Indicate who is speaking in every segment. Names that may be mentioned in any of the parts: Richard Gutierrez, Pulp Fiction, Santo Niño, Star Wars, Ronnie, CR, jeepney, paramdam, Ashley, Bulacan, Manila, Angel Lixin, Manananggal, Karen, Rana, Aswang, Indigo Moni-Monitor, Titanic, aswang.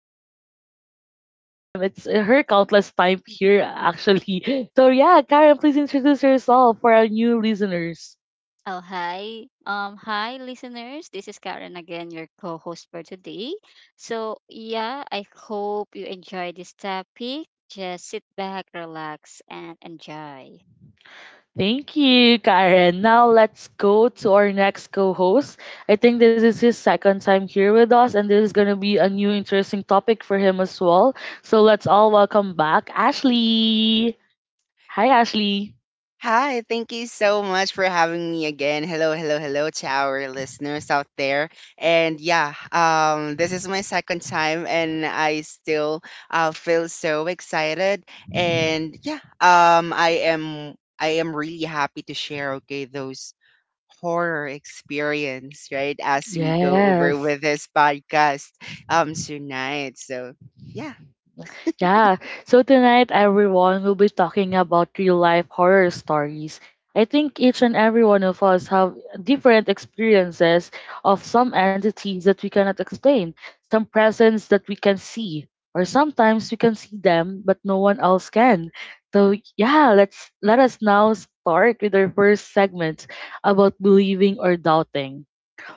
Speaker 1: here, or no, not just third time, it's her countless time here, actually. So, yeah, Karen, please introduce yourself for our new listeners.
Speaker 2: Oh, hi. Hi, listeners. This is Karen again, your co host for today. So, yeah, I hope you enjoy this topic. Just sit back, relax, and enjoy.
Speaker 1: Thank you, Karen. Now let's go to our next co-host. I think this is his second time here with us, and this is gonna be a new interesting topic for him as well. So let's all welcome back Ashley. Hi, Ashley.
Speaker 3: Hi, thank you so much for having me again. Hello, hello, hello to our listeners out there. And yeah, this is my second time, and I still feel so excited. And yeah, I am really happy to share. Okay, those horror experience, right? As we go over
Speaker 1: Yes.
Speaker 3: with this podcast tonight. So yeah,
Speaker 1: Yeah, so tonight everyone will be talking about real life horror stories. I think each and every one of us have different experiences of some entities that we cannot explain, some presence that we can see, or sometimes we can see them but no one else can. So yeah, let us now start with our first segment about believing or doubting.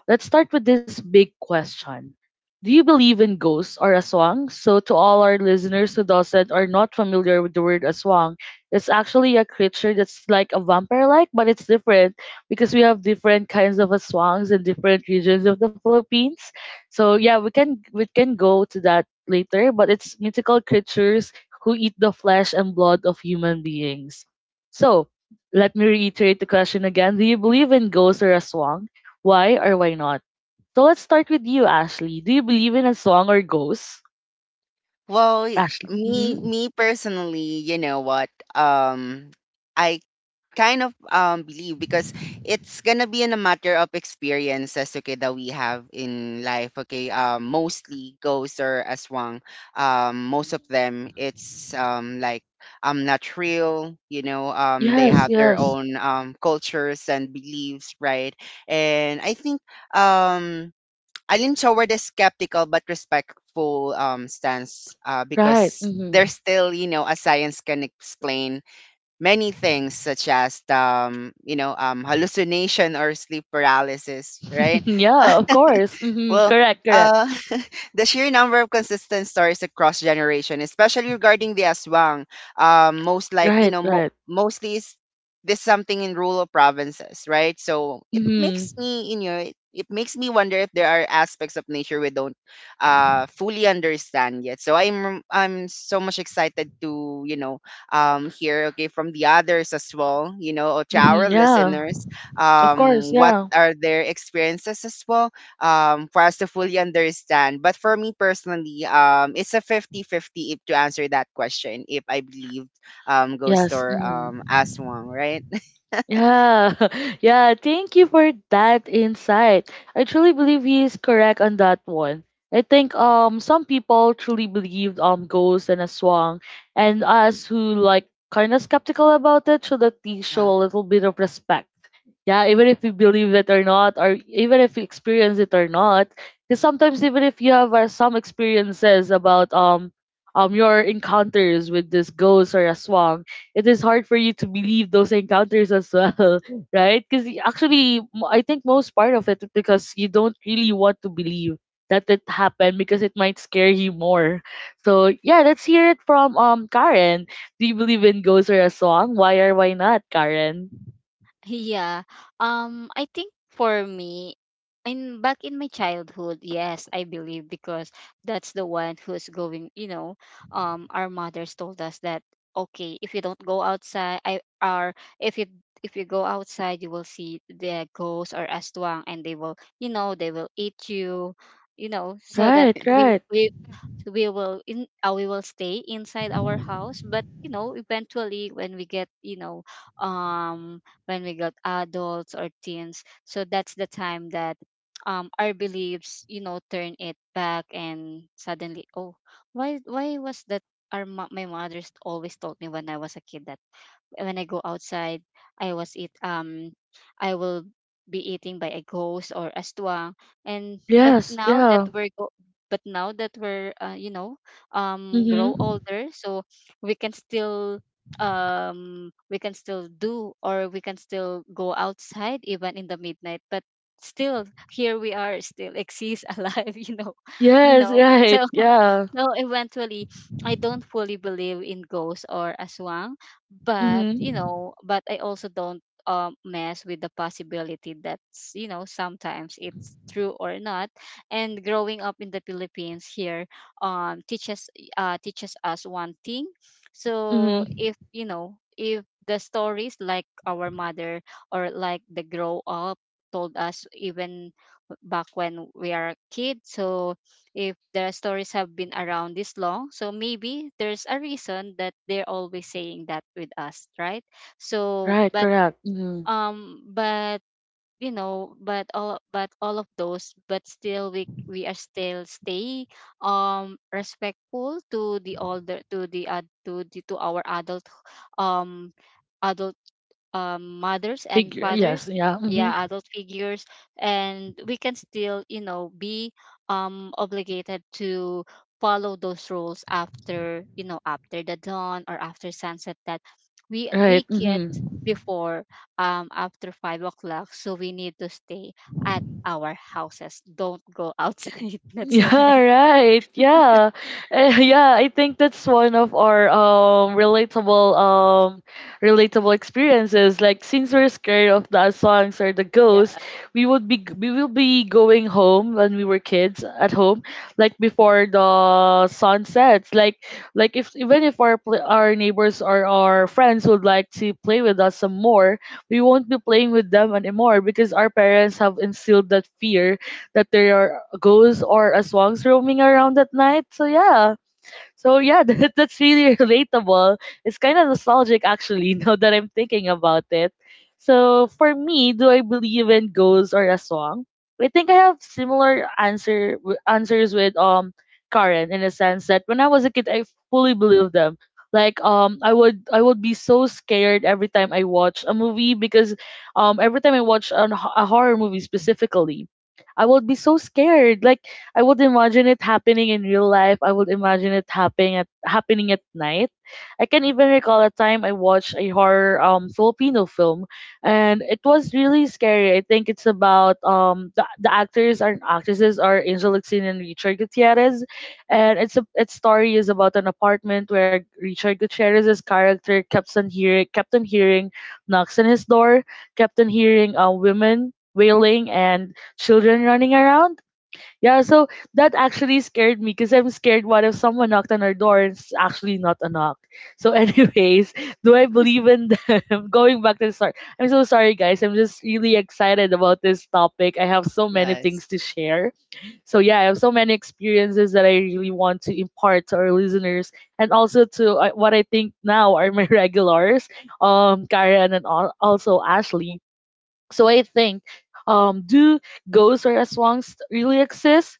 Speaker 1: Let's start with this big question. Do you believe in ghosts or aswang? So to all our listeners who doesn't are not familiar with the word aswang, it's actually a creature that's like a vampire like, but it's different because we have different kinds of aswangs in different regions of the Philippines. So yeah, we can go to that later, but it's mythical creatures who eat the flesh and blood of human beings. So let me reiterate the question again. Do you believe in ghosts or aswang? Why or why not? So let's start with you, Ashley. Do you believe in a song or ghosts?
Speaker 3: well,
Speaker 1: Ashley.
Speaker 3: me
Speaker 1: Mm-hmm.
Speaker 3: me personally, you know what. um. I kind of believe, because it's gonna be in a matter of experiences, okay, that we have in life, okay, mostly ghosts or aswang, most of them, it's like, not real, you know, they
Speaker 1: Yes,
Speaker 3: have their
Speaker 1: yes.
Speaker 3: own cultures and beliefs, right? And I think um Alin showed a skeptical but respectful stance,
Speaker 1: Right.
Speaker 3: because
Speaker 1: Mm-hmm.
Speaker 3: there's still, you know, a science can explain many things, such as, you know, hallucination or sleep paralysis, right?
Speaker 1: Yeah, of course. Mm-hmm.
Speaker 3: Well,
Speaker 1: Correct, correct.
Speaker 3: uh, the sheer number of consistent stories across generation, especially regarding the Aswang, most like, you
Speaker 1: Right,
Speaker 3: know,
Speaker 1: right.
Speaker 3: mostly is this something in rural provinces, right? So it makes
Speaker 1: Mm-hmm.
Speaker 3: me, you know, it makes me wonder if there are aspects of nature we don't fully understand yet. So I'm so much excited to, you know, hear, okay, from the others as well, you know, or to our
Speaker 1: Mm-hmm. Yeah.
Speaker 3: listeners,
Speaker 1: Of course,
Speaker 3: what
Speaker 1: yeah.
Speaker 3: are their experiences as well, for us to fully understand. But for me personally, it's a fifty-fifty if to answer that question, if I believe, Ghost
Speaker 1: Yes.
Speaker 3: or,
Speaker 1: Mm-hmm.
Speaker 3: Aswang, right?
Speaker 1: Yeah, yeah. Thank you for that insight. I truly believe he is correct on that one. I think some people truly believed ghosts and a swan, and us who like kind of skeptical about it should at least show
Speaker 3: Yeah.
Speaker 1: a little bit of respect. Yeah, even if we believe it or not, or even if we experience it or not, because sometimes even if you have some experiences about your encounters with this ghost or a swan, it is hard for you to believe those encounters as well, right? Because actually, I think most part of it because you don't really want to believe that it happened because it might scare you more. So yeah, let's hear it from Karen. Do you believe in ghosts or a song? Why or why not, Karen?
Speaker 2: Yeah. I think for me, in back in my childhood, yes, I believe because that's the one who's going, our mothers told us that okay, if you don't go outside, I are if you if you go outside, you will see the ghosts or aswang, and they will, they will eat you, so that
Speaker 1: Right,
Speaker 2: we
Speaker 1: right.
Speaker 2: we we will in we will stay inside our house but you know eventually when we get you know um when we got adults or teens. So that's the time that our beliefs, you know, turn it back and suddenly, oh, why was that my mother's always told me when I was a kid that when I go outside, I was eat um I will be eating by a ghost or aswang. And but
Speaker 1: Yes,
Speaker 2: now that
Speaker 1: yeah.
Speaker 2: we're go but now that we're
Speaker 1: Mhm.
Speaker 2: grow older, so we can still we can still do or we can still go outside even in the midnight but still here we are still exist alive you know you
Speaker 1: Yes,
Speaker 2: know so
Speaker 1: right. Yeah.
Speaker 2: so eventually I don't fully believe in ghosts or aswang but you
Speaker 1: Mhm.
Speaker 2: know but I also don't mess with the possibility that you know sometimes it's true or not. And growing up in the Philippines here um teaches teaches us one thing. So
Speaker 1: Mhm.
Speaker 2: if you know if the stories like our mother or like the grow up told us even back when we are a kid, so if the stories have been around this long, so maybe there's a reason that they're always saying that with us, right? so
Speaker 1: Right,
Speaker 2: but
Speaker 1: correct. Mhm.
Speaker 2: um but you know but all of those but still we are still stay respectful to the older to the ad to the to our adult um adult mothers and
Speaker 1: Figure. Yes,
Speaker 2: fathers,
Speaker 1: yeah. Mhm.
Speaker 2: yeah, adult figures. And we can still, you know, be obligated to follow those rules after, you know, after the dawn or after sunset, that we
Speaker 1: Right.
Speaker 2: get
Speaker 1: Mhm.
Speaker 2: before after 5 o'clock, so we need to stay at our houses, don't go outside. That's why
Speaker 1: Yeah, right. Yeah. Yeah, I think that's one of our relatable experiences. Like since we're scared of the songs or the ghosts,
Speaker 2: yeah
Speaker 1: we will be going home when we were kids at home, like before the sun sets. Like if even if our neighbors or our friends would like to play with us some more, we won't be playing with them anymore because our parents have instilled that fear that there are ghosts or aswangs roaming around at night. So yeah, that's really relatable. It's kind of nostalgic actually now that I'm thinking about it. So for me, do I believe in ghosts or a song? I think I have similar answers with Karen in a sense that when I was a kid, I fully believed them. Like I would be so scared every time I watch a movie because every time I watch a horror movie specifically, I would be so scared. Like I would imagine it happening in real life. I would imagine it happening at night. I can even recall a time I watched a horror Filipino film and it was really scary. I think it's about the actors and actresses are Angel Lixin and Richard Gutierrez, and it's a its story is about an apartment where Richard Gutierrez's character kept on hearing knocks on his door, kept on hearing women wailing and children running around. Yeah, so that actually scared me because I'm scared what if someone knocked on our door and it's actually not a knock. So, anyways, do I believe in them? Going back to the start. I'm so sorry guys. I'm just really excited about this topic. I have so many
Speaker 3: Yes.
Speaker 1: things to share. So yeah, I have so many experiences that I really want to impart to our listeners and also to what I think now are my regulars, Karen and also Ashley. So I think, do ghosts or aswangs really exist?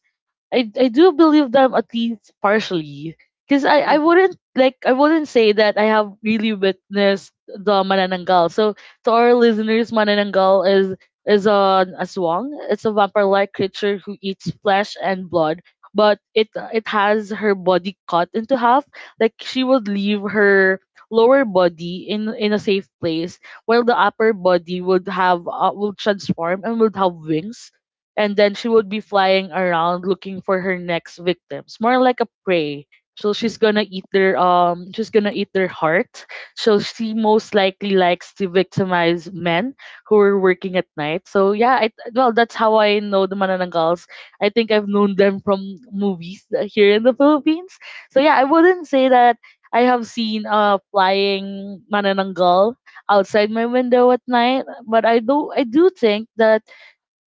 Speaker 1: I do believe them at least partially. Because I
Speaker 3: Mm-hmm.
Speaker 1: wouldn't say that I have really witnessed the Manananggal. So to our listeners, Manananggal is a, swang. It's a vampire like creature who eats flesh and blood, but it has her body cut into half. Like she would leave her lower body in a safe place, while the upper body would transform and would have wings, and then she would be flying around looking for her next victims, more like a prey. So she's gonna eat their heart. So she most likely likes to victimize men who are working at night. So yeah, well, that's how I know the mananangals. I think I've known them from movies here in the Philippines. So yeah, I wouldn't say that I have seen a flying manananggal outside my window at night, but I do think that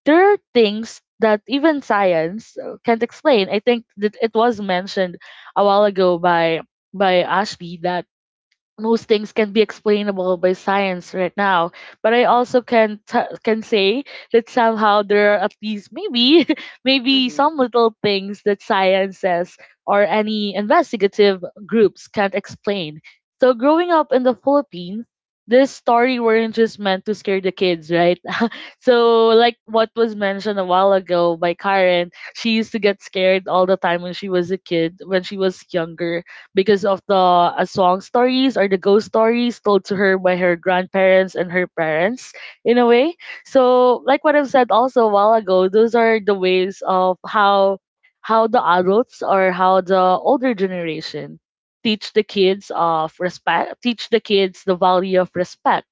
Speaker 1: there are things that even science can't explain. I think that it was mentioned a while ago by Ashby that most things can be explainable by science right now. But I also can say that somehow there are at least maybe maybe
Speaker 3: Mm-hmm.
Speaker 1: some little things that science says or any investigative groups can't explain. So growing up in the Philippines, this story weren't just meant to scare the kids, right? So, like what was mentioned a while ago by Karen, she used to get scared all the time when she was a kid, when she was younger, because of the aswang stories or the ghost stories told to her by her grandparents and her parents, in a way. So, like what I've said also a while ago, those are the ways of how the adults or how the older generation teach the kids of respect, teach the kids the value of respect,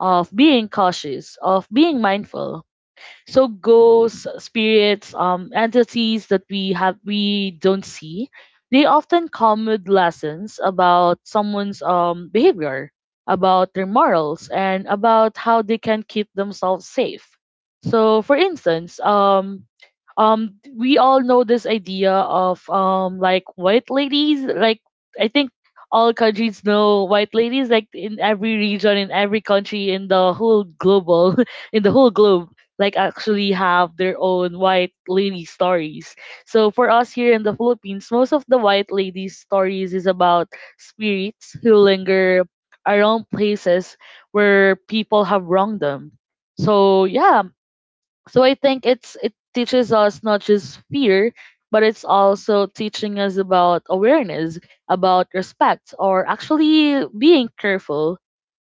Speaker 1: of being cautious, of being mindful. So ghosts, spirits, entities that we don't see, they often come with lessons about someone's behavior, about their morals, and about how they can keep themselves safe. So, for instance, we all know this idea of like white ladies. Like I think all countries know white ladies. Like in every region, in every country, in the whole global in the whole globe, like actually have their own white lady stories. So for us here in the Philippines, most of the white lady stories is about spirits who linger around places where people have wronged them. So yeah, so I think it teaches us not just fear, but it's also teaching us about awareness, about respect, or actually being careful.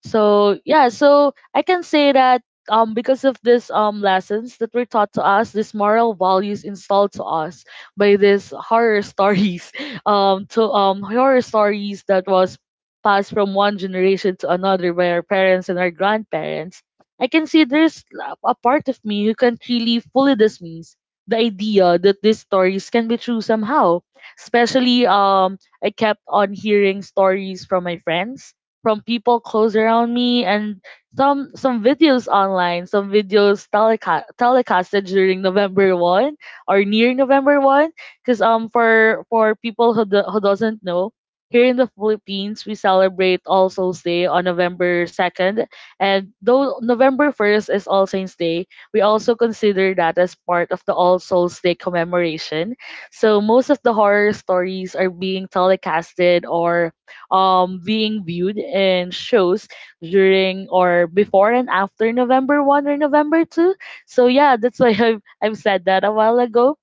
Speaker 1: So yeah, so I can say that because of this lessons that were taught to us, these moral values installed to us by these horror stories, to horror stories that was passed from one generation to another by our parents and our grandparents. I can see there's a part of me who can't really fully dismiss the idea that these stories can be true somehow. Especially, I kept on hearing stories from my friends, from people close around me, and some videos online, some videos telecasted during November 1 or near November 1. Because for people who doesn't know, here in the Philippines, we celebrate All Souls Day on November 2nd, and though November 1st is All Saints Day, we also consider that as part of the All Souls Day commemoration. So most of the horror stories are being telecasted or, being viewed in shows during or before and after November 1 or November 2. So yeah, that's why I've said that a while ago.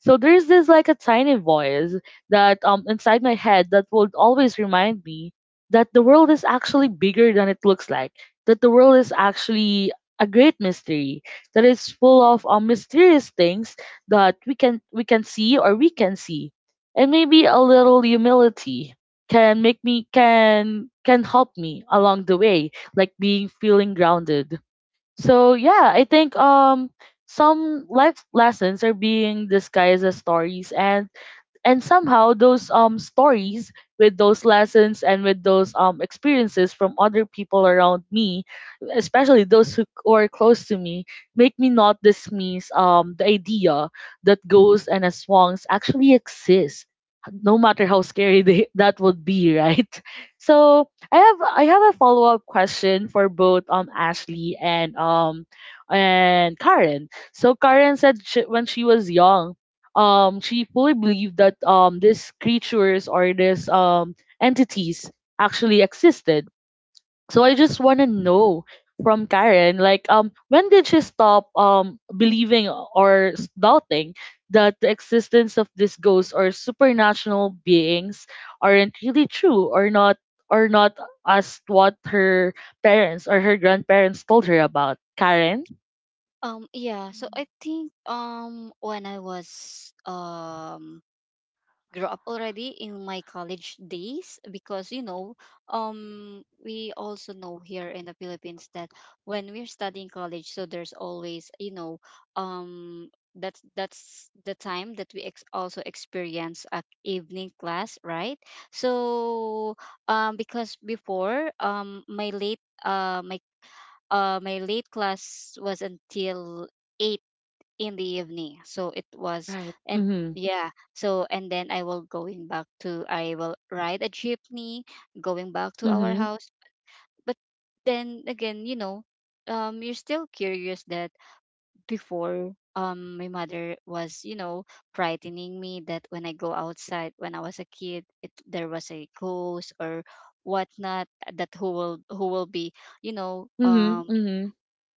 Speaker 1: So there's this like a tiny voice that, inside my head that would always remind me that the world is actually bigger than it looks like. That the world is actually a great mystery that is full of mysterious things that we can see or we can see. And maybe a little humility can make me can help me along the way, like being feeling grounded so yeah, I think some life lessons are being disguised as stories and somehow those stories with those lessons and with those experiences from other people around me, especially those who are close to me, make me not dismiss the idea that ghosts and aswangs actually exist, no matter how scary that would be right. So I have a follow-up question for both Ashley and and Karen. So Karen said when she was young, she fully believed that these creatures or these entities actually existed. So I just want to know from Karen, like when did she stop believing or doubting that the existence of these ghosts or supernatural beings aren't really true or not, as what her parents or her grandparents told her about, Karen?
Speaker 2: yeah. So I think when I was grew up already in my college days, because you know we also know here in the Philippines that when we're studying college, so there's always, you know, um that's the time that also experience a evening class, right? So because before my late my my late class was until eight in the evening. So it was
Speaker 1: Right.
Speaker 2: and
Speaker 1: Mm-hmm.
Speaker 2: yeah, so and then I will ride a jeepney going back to our
Speaker 1: Mm-hmm.
Speaker 2: house. But then again, you know, you're still curious that before my mother was, you know, frightening me that when I go outside when I was a kid, it there was a ghost or whatnot that who will be, you know,
Speaker 1: Mm-hmm. Mm-hmm.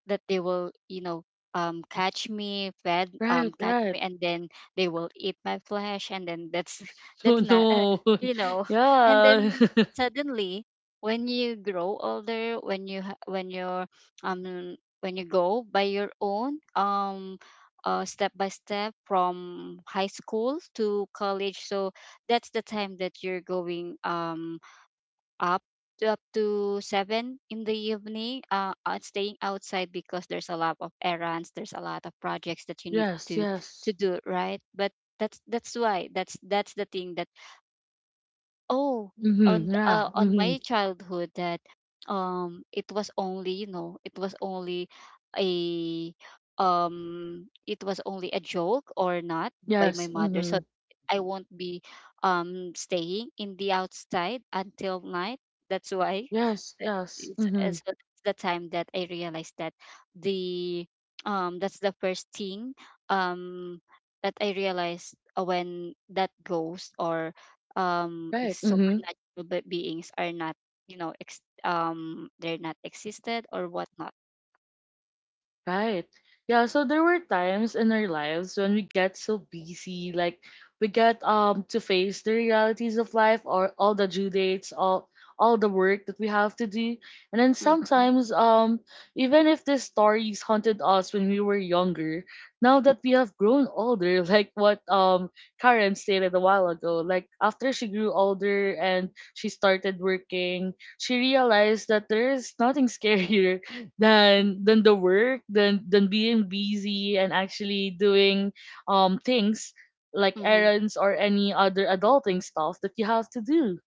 Speaker 2: that they will, you know,
Speaker 1: Right.
Speaker 2: catch me,
Speaker 1: Right.
Speaker 2: and then they will eat my flesh, and then that's
Speaker 1: So
Speaker 2: that's not
Speaker 1: no.
Speaker 2: you know and then
Speaker 1: Yeah.
Speaker 2: suddenly when you grow older when when you're when you go by your own step by step from high school to college, so that's the time that you're going up up to seven in the evening staying outside because there's a lot of errands, there's a lot of projects that you need
Speaker 1: Yes,
Speaker 2: to
Speaker 1: yes.
Speaker 2: do, right? But that's why that's the thing that oh,
Speaker 1: Mm-hmm. Yeah.
Speaker 2: on
Speaker 1: Mm-hmm.
Speaker 2: my childhood that it was only a it was only a joke or not by my
Speaker 1: Yes.
Speaker 2: mother. So
Speaker 1: Mm-hmm.
Speaker 2: I
Speaker 3: Mm-hmm.
Speaker 2: won't be staying in the outside until night. That's why
Speaker 1: Yes, yes. Mm-hmm.
Speaker 2: it's the time that I realized that the that's the first thing um that I realized when that ghost or is
Speaker 1: Right. Mm-hmm.
Speaker 2: supernatural beings are not you know they're not existed or whatnot.
Speaker 1: Right. Yeah, so there were times in our lives when we get so busy, like we get to face the realities of life or all the due dates, all the work that we have to do. And then
Speaker 2: Mm-hmm.
Speaker 1: sometimes even if these stories haunted us when we were younger, now that we have grown older, like what Karen stated a while ago, like after she grew older and she started working, she realized that there is nothing scarier
Speaker 3: Mm-hmm.
Speaker 1: than the work than being busy and actually doing things like
Speaker 2: Mm-hmm.
Speaker 1: errands or any other adulting stuff that you have to do.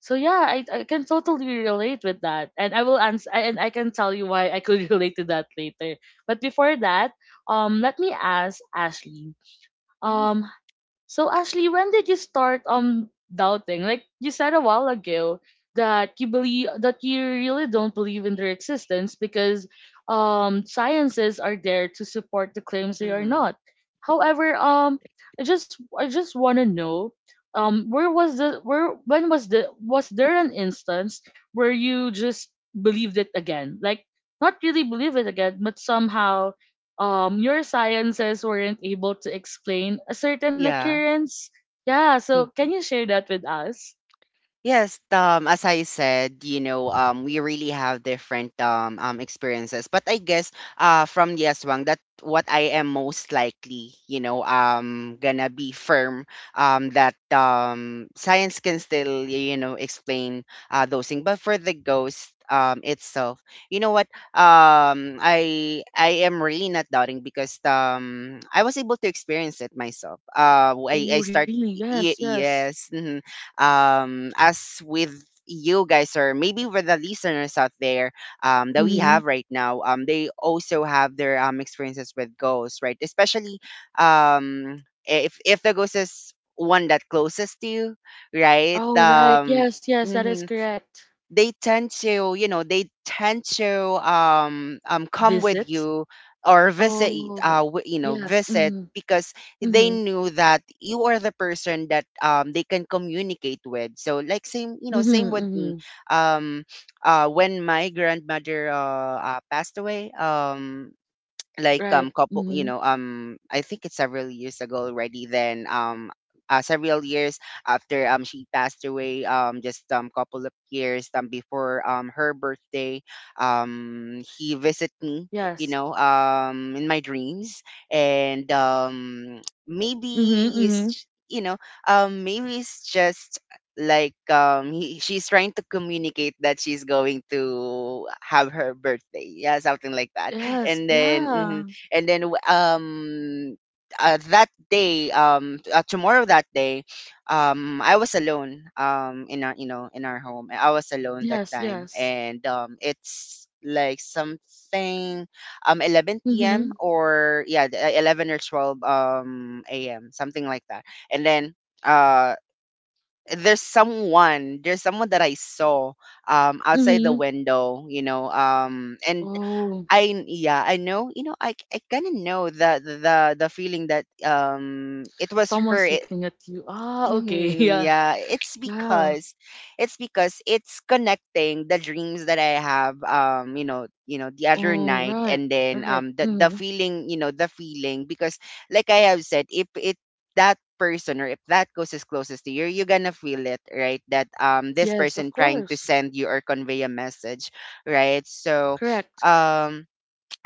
Speaker 1: So yeah, I can totally relate with that, and I will answer and I can tell you why I could relate to that later. But before that, let me ask Ashley,
Speaker 3: Mm-hmm.
Speaker 1: um, so Ashley, when did you start doubting? Like you said a while ago that you believe that you really don't believe in their existence because sciences are there to support the claims they are
Speaker 3: Mm-hmm.
Speaker 1: not. However, I just want to know where was the where when was the, was there an instance where you just believed it again? Like not really believe it again, but somehow your sciences weren't able to explain a certain
Speaker 3: Yeah.
Speaker 1: occurrence. Yeah, so can you share that with us?
Speaker 3: Yes, as I said, you know, we really have different experiences. But I guess from Yaswang that what I am most likely, you know, gonna be firm, that science can still, you know, explain those things. But for the ghost, itself, you know what? I am really not doubting, because I was able to experience it myself. Uh I,
Speaker 1: Oh,
Speaker 3: I start
Speaker 1: really? Yes,
Speaker 3: y-
Speaker 1: yes.
Speaker 3: yes. Mhm. As with you guys, or maybe with the listeners out there, that we have
Speaker 1: Mm-hmm.
Speaker 3: right now, they also have their, experiences with ghosts, right? Especially, if the ghost is one that closest to you, right?
Speaker 1: All right. Yes, yes, that is
Speaker 3: Mm-hmm
Speaker 1: correct.
Speaker 3: they tend to, you know, they tend to, come with
Speaker 1: Visits.
Speaker 3: you or visit,
Speaker 1: Oh,
Speaker 3: you know,
Speaker 1: yes.
Speaker 3: visit,
Speaker 1: Mm-hmm.
Speaker 3: because they
Speaker 1: Mm-hmm.
Speaker 3: knew that you are the person that they can communicate with. So like, same, you know, same
Speaker 1: Mm-hmm.
Speaker 3: with me,
Speaker 1: Mm-hmm.
Speaker 3: um when my grandmother passed away, like,
Speaker 1: Right.
Speaker 3: couple, you
Speaker 1: Mm-hmm.
Speaker 3: know, I think it's several years ago already, then, several years after she passed away, just couple of years before her birthday, he visit me, you
Speaker 1: Yes.
Speaker 3: know, in my dreams. And
Speaker 1: Mm-hmm.
Speaker 3: maybe
Speaker 1: Mm-hmm.
Speaker 3: it's, you know, maybe it's just like, she's trying to communicate that she's going to have her birthday, yeah, something like that.
Speaker 1: Yes.
Speaker 3: And then, mhm.
Speaker 1: Yeah.
Speaker 3: And then, that day, tomorrow, that day, I was alone, in our, you know, in our home. I was alone that
Speaker 1: Yes,
Speaker 3: time,
Speaker 1: yes.
Speaker 3: and it's like something, 11 p.m.,
Speaker 1: Mm-hmm.
Speaker 3: or, yeah, 11 or 12 a.m., something like that. And then, uh there's someone that I saw outside the
Speaker 1: Mm-hmm.
Speaker 3: window, you know, and
Speaker 1: Oh,
Speaker 3: I. Yeah, I know. You know, I kind of know the feeling that it was her.
Speaker 1: someone's looking at you. Ah, okay.
Speaker 3: Mhm.
Speaker 1: Yeah.
Speaker 3: Yeah, it's
Speaker 1: Yeah.
Speaker 3: because, it's because it's connecting the dreams that I have, you know, the other
Speaker 1: Oh,
Speaker 3: night.
Speaker 1: right,
Speaker 3: And then,
Speaker 1: right.
Speaker 3: the
Speaker 1: Hmm.
Speaker 3: feeling, you know, the feeling, because, like I have said, if it, that person, or if that goes is closest to you, you're gonna feel it, right? That this
Speaker 1: Yes,
Speaker 3: person
Speaker 1: of
Speaker 3: trying to
Speaker 1: course.
Speaker 3: send you or convey a message, right? So,
Speaker 1: Correct.
Speaker 3: um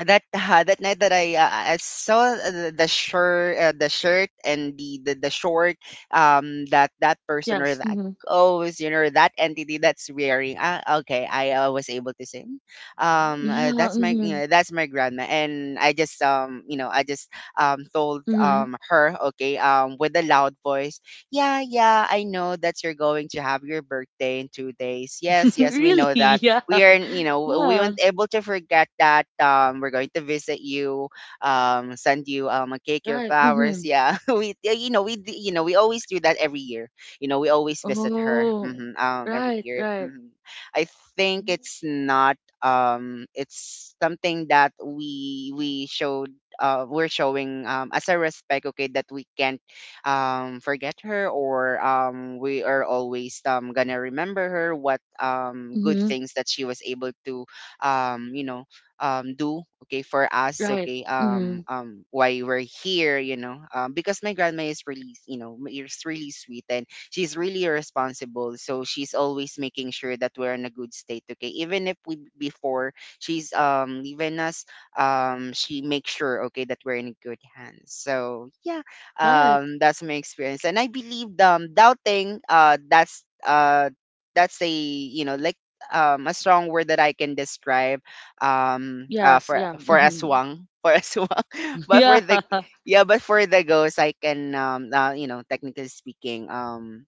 Speaker 3: that, that night that I saw, the shirt, the shirt and, the short, that that person or
Speaker 1: Yes.
Speaker 3: that
Speaker 1: Hmm.
Speaker 3: goes, you know, that entity that's wearing, ah, okay, I was able to say, "Mm,
Speaker 1: Yeah.
Speaker 3: that's my, you
Speaker 1: Hmm.
Speaker 3: know, that's my grandma," and I just told
Speaker 1: Hmm.
Speaker 3: her, okay, with a loud voice, yeah, yeah, I know that you're going to have your birthday in 2 days. Yes, yes, we
Speaker 1: Really?
Speaker 3: know that.
Speaker 1: Yeah.
Speaker 3: We are, you know, we
Speaker 1: Yeah.
Speaker 3: weren't able to forget that, we're going to visit you, send you a cake, your
Speaker 1: Right.
Speaker 3: flowers,
Speaker 1: Hmm.
Speaker 3: yeah. we Yeah, you know, you know, we always do that every year. You know, we always visit her,
Speaker 1: Oh,
Speaker 3: every
Speaker 1: right,
Speaker 3: year.
Speaker 1: right.
Speaker 3: Hmm. I think it's not, it's something that we showed, we're showing, as a respect, okay, that we can't forget her, or we are always gonna remember her, what good
Speaker 1: Hmm.
Speaker 3: things that she was able to, you know, do, okay, for us,
Speaker 1: Right.
Speaker 3: okay,
Speaker 1: Hmm.
Speaker 3: why we're here, you know, because my grandma is really, you know, is really sweet, and she's really responsible, so she's always making sure that we're in a good state, okay, even if we before she's leaving us, she makes sure, okay, that we're in good hands. So yeah,
Speaker 1: Right.
Speaker 3: that's my experience. And I believe doubting, that's a, you know, like, a strong word that I can describe,
Speaker 1: Yes.
Speaker 3: for
Speaker 1: Yeah.
Speaker 3: for
Speaker 1: Hmm.
Speaker 3: aswang, for aswang, but for
Speaker 1: Yeah.
Speaker 3: the, yeah, but for the ghost, I can, you know, technically speaking,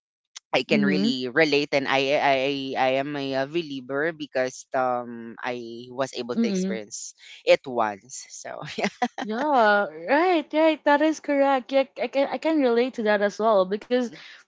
Speaker 3: I can
Speaker 1: Hmm.
Speaker 3: really relate. And I am a, believer, because I was able to
Speaker 1: Hmm.
Speaker 3: experience it once. So, yeah.
Speaker 1: Yeah, right, right. That is correct. Yeah, I can relate to that as well because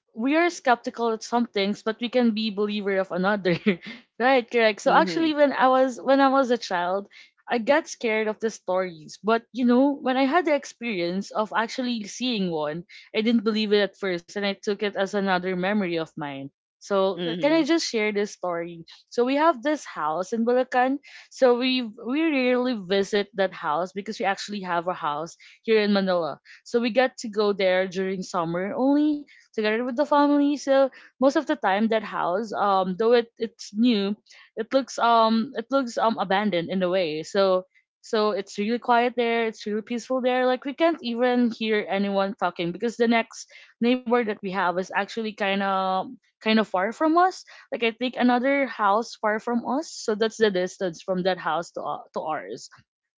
Speaker 1: we are skeptical at some things, but we can be believer of another. Right, correct. So
Speaker 3: Mhm.
Speaker 1: actually, when I was a child, I got scared of the stories. But you know, when I had the experience of actually seeing one, I didn't believe it at first, and I took it as another memory of mine. So can I
Speaker 3: Mhm.
Speaker 1: just share this story? So we have this house in Bulacan, so we rarely visit that house because we actually have a house here in Manila. So we get to go there during summer only, together with the family. So most of the time that house, though it's new, it looks abandoned in a way. So it's really quiet there, it's really peaceful there. Like we can't even hear anyone talking because the next neighbor that we have is actually kind of far from us, like I think another house far from us. So that's the distance from that house to to ours.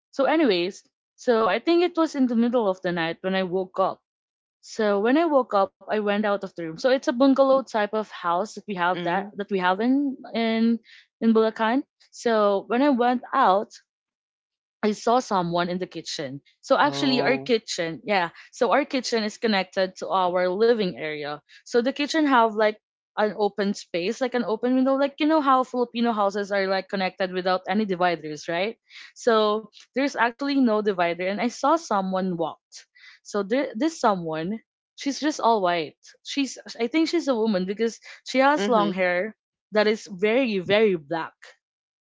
Speaker 1: So anyways, so I think it was in the middle of the night when I woke up. So when I woke up, I went out of the room. So it's a bungalow type of house that we have that
Speaker 3: Mhm.
Speaker 1: that we have in in Bulacan. So when I went out, I saw someone in the kitchen. So actually our
Speaker 3: Oh.
Speaker 1: kitchen, yeah. So our kitchen is connected to our living area. So the kitchen have like an open space, like an open window, like you know how Filipino houses are like connected without any dividers, right? So there's actually no divider and I saw someone walked. So there, this someone, she's just all white. She's I think she's a woman because she has long
Speaker 3: Mhm.
Speaker 1: hair that is very black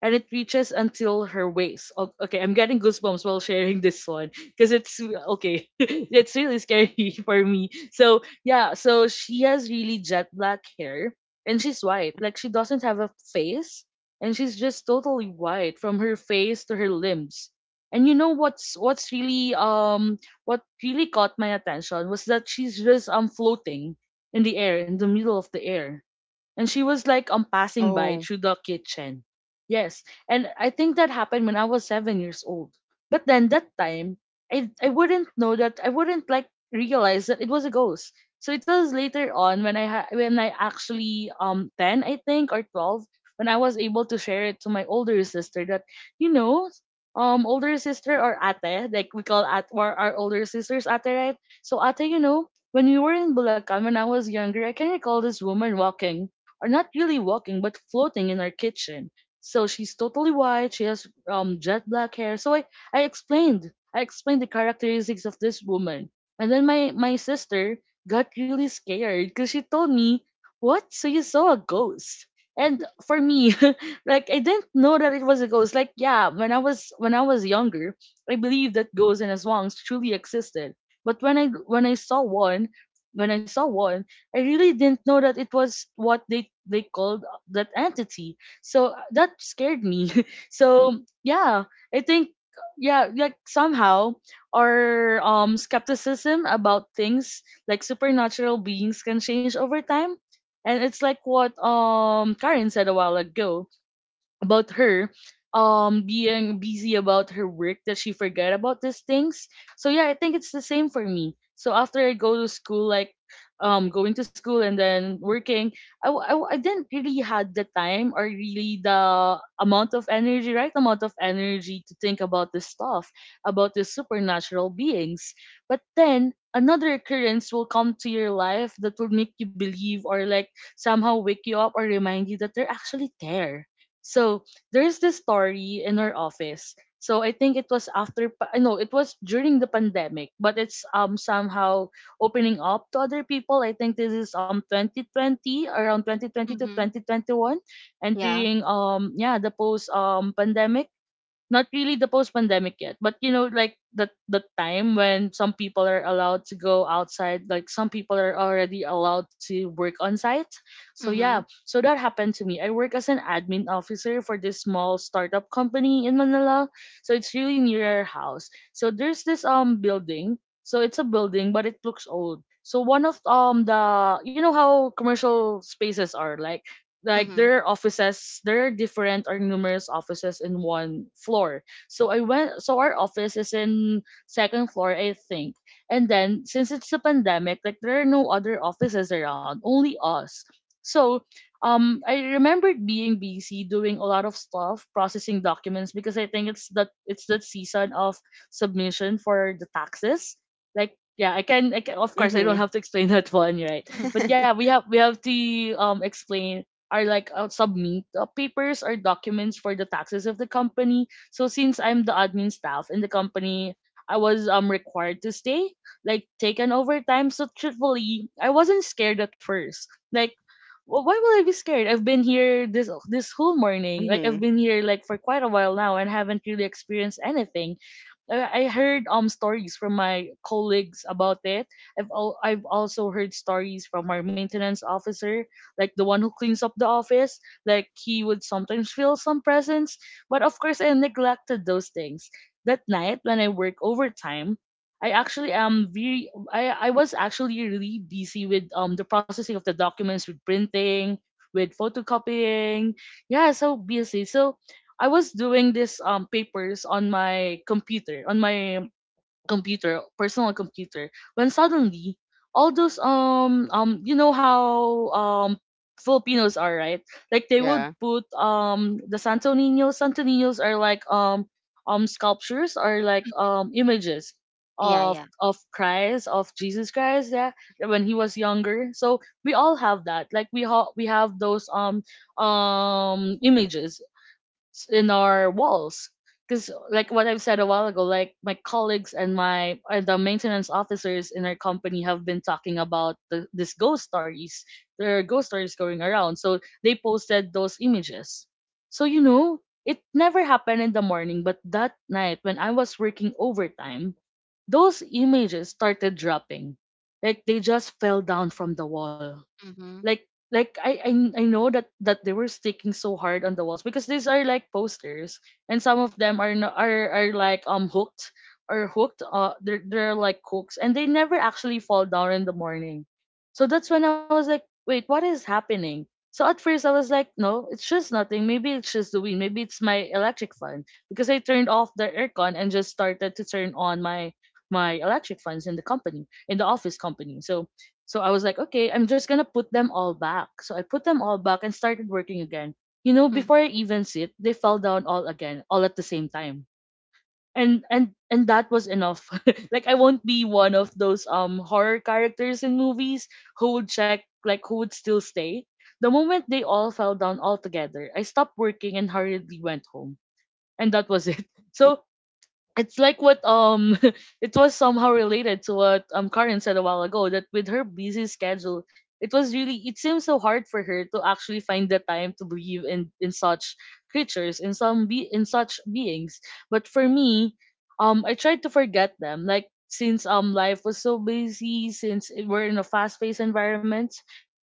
Speaker 1: and it reaches until her waist. O- Okay, I'm getting goosebumps while sharing this one because it's okay. It's really scary for me. So yeah, so she has really jet black hair and she's white. Like she doesn't have a face and she's just totally white from her face to her limbs. And you know what's really what really caught my attention was that she's just floating in the air, in the middle of the air, and she was like passing by
Speaker 3: Oh.
Speaker 1: through the kitchen. Yes, and I think that happened when I was 7 years old. But then that time, I wouldn't know that I wouldn't like realize that it was a ghost. So it was later on when I when I actually 10 I think or 12, when I was able to share it to my older sister that, you know, older sister or ate, like we call at or our older sisters ate, right. So ate, you know, when we were in Bulacan when I was younger, I can recall this woman walking, are not really walking but floating in our kitchen. So she's totally white. She has jet black hair. So I explained the characteristics of this woman, and then my sister got really scared because she told me, "What? So you saw a ghost?" And for me, like I didn't know that it was a ghost. Like yeah, when I was younger, I believed that ghosts and swans truly existed. But when I saw one, when I saw one, I really didn't know that it was what they called that entity. So that scared me. So yeah, I think yeah, like somehow our skepticism about things like supernatural beings can change over time. And it's like what Karen said a while ago about her being busy about her work that she forget about these things. So yeah, I think it's the same for me. So after I go to school, like going to school and then working, I didn't really had the time or really the amount of energy, to think about this stuff, about the supernatural beings, but then another occurrence will come to your life that will make you believe or like somehow wake you up or remind you that they're actually there. So there's this story in our office. So I think it was after I know it was during the pandemic, but it's somehow opening up to other people. I think this is 2020 around 2020 to
Speaker 2: Mm-hmm.
Speaker 1: 2021,
Speaker 2: Yeah.
Speaker 1: entering yeah, the post pandemic, not really the post pandemic yet, but you know, like the time when some people are allowed to go outside, like some people are already allowed to work on site. So yeah,
Speaker 2: Mm-hmm.
Speaker 1: so that happened to me. I work as an admin officer for this small startup company in Manila. So it's really near our house. So there's this building. So it's a building, but it looks old. So one of the you know how commercial spaces are like
Speaker 2: Mm-hmm.
Speaker 1: there are offices, there are different or numerous offices in one floor. So I went, so our office is in second floor I think, and then since it's a pandemic, like there are no other offices around, only us. So I remembered being busy doing a lot of stuff, processing documents, because I think it's that season of submission for the taxes, like yeah I can of course I don't
Speaker 3: Mhm.
Speaker 1: have to explain that one right, but
Speaker 2: Mm-hmm.
Speaker 1: yeah we have to explain are like submit papers or documents for the taxes of the company. So since I'm the admin staff in the company, I was required to stay, like take an overtime. So truthfully, I wasn't scared at first. Like, why will I be scared? I've been here this whole morning. Like I've
Speaker 3: Mhm.
Speaker 1: been here like for quite a while now and haven't really experienced anything. I heard stories from my colleagues about it. I've also heard stories from our maintenance officer, like the one who cleans up the office, like he would sometimes feel some presence, but of course I neglected those things. That night when I work overtime, I actually am very I was actually really busy with the processing of the documents, with printing, with photocopying. Yeah, so busy. So I was doing this papers on my computer, personal computer, when suddenly all those you know how Filipinos are, right? Like they would
Speaker 3: Yeah.
Speaker 1: put the Santo Niños. Santo Niños are like sculptures or like images
Speaker 2: Yeah.
Speaker 1: of
Speaker 2: Yeah.
Speaker 1: of Christ, of Jesus Christ, yeah, when he was younger. So we all have that. Like we have those images in our walls, because like what I've said a while ago, like my colleagues and my the maintenance officers in our company have been talking about this ghost stories. There are ghost stories going around, so they posted those images. So you know it never happened in the morning, but that night when I was working overtime, those images started dropping, like they just fell down from the wall.
Speaker 2: Mm-hmm.
Speaker 1: Like I know that they were sticking so hard on the walls because these are like posters, and some of them are no, are like hooked, or hooked, they're like hooks, and they never actually fall down in the morning. So that's when I was like, wait, what is happening? So at first I was like, no, it's just nothing. Maybe it's just the wind. Maybe it's my electric fan, because I turned off the aircon and just started to turn on my electric fans in the office company. So I was like, okay, I'm just gonna put them all back. So I put them all back and started working again. You know,
Speaker 2: Mm-hmm.
Speaker 1: before I even sit, they fell down all again, all at the same time. And that was enough. Like I won't be one of those horror characters in movies who would still stay. The moment they all fell down all together, I stopped working and hurriedly went home. And that was it. So it's like what it was somehow related to what Karen said a while ago, that with her busy schedule, it was really it seems so hard for her to actually find the time to believe in such creatures, in some be in such beings. But for me, I tried to forget them, like since life was so busy, since we're in a fast paced environment,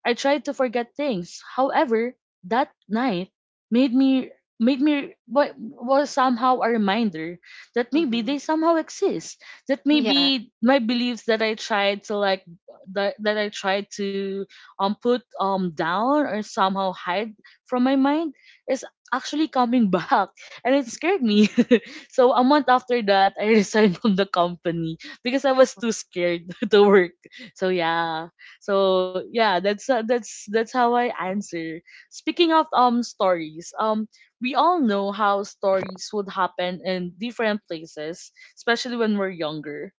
Speaker 1: I tried to forget things. However, that night made me was somehow a reminder that maybe
Speaker 2: Mm-hmm.
Speaker 1: they somehow exist, that
Speaker 2: Yeah.
Speaker 1: maybe my beliefs that I tried to put down or somehow hide from my mind is actually coming back, and it scared me. So a month after that, I resigned from the company because I was too scared to work. So yeah so yeah that's that's how I answer. Speaking of stories, we all know how stories would happen in different places, especially when we're younger.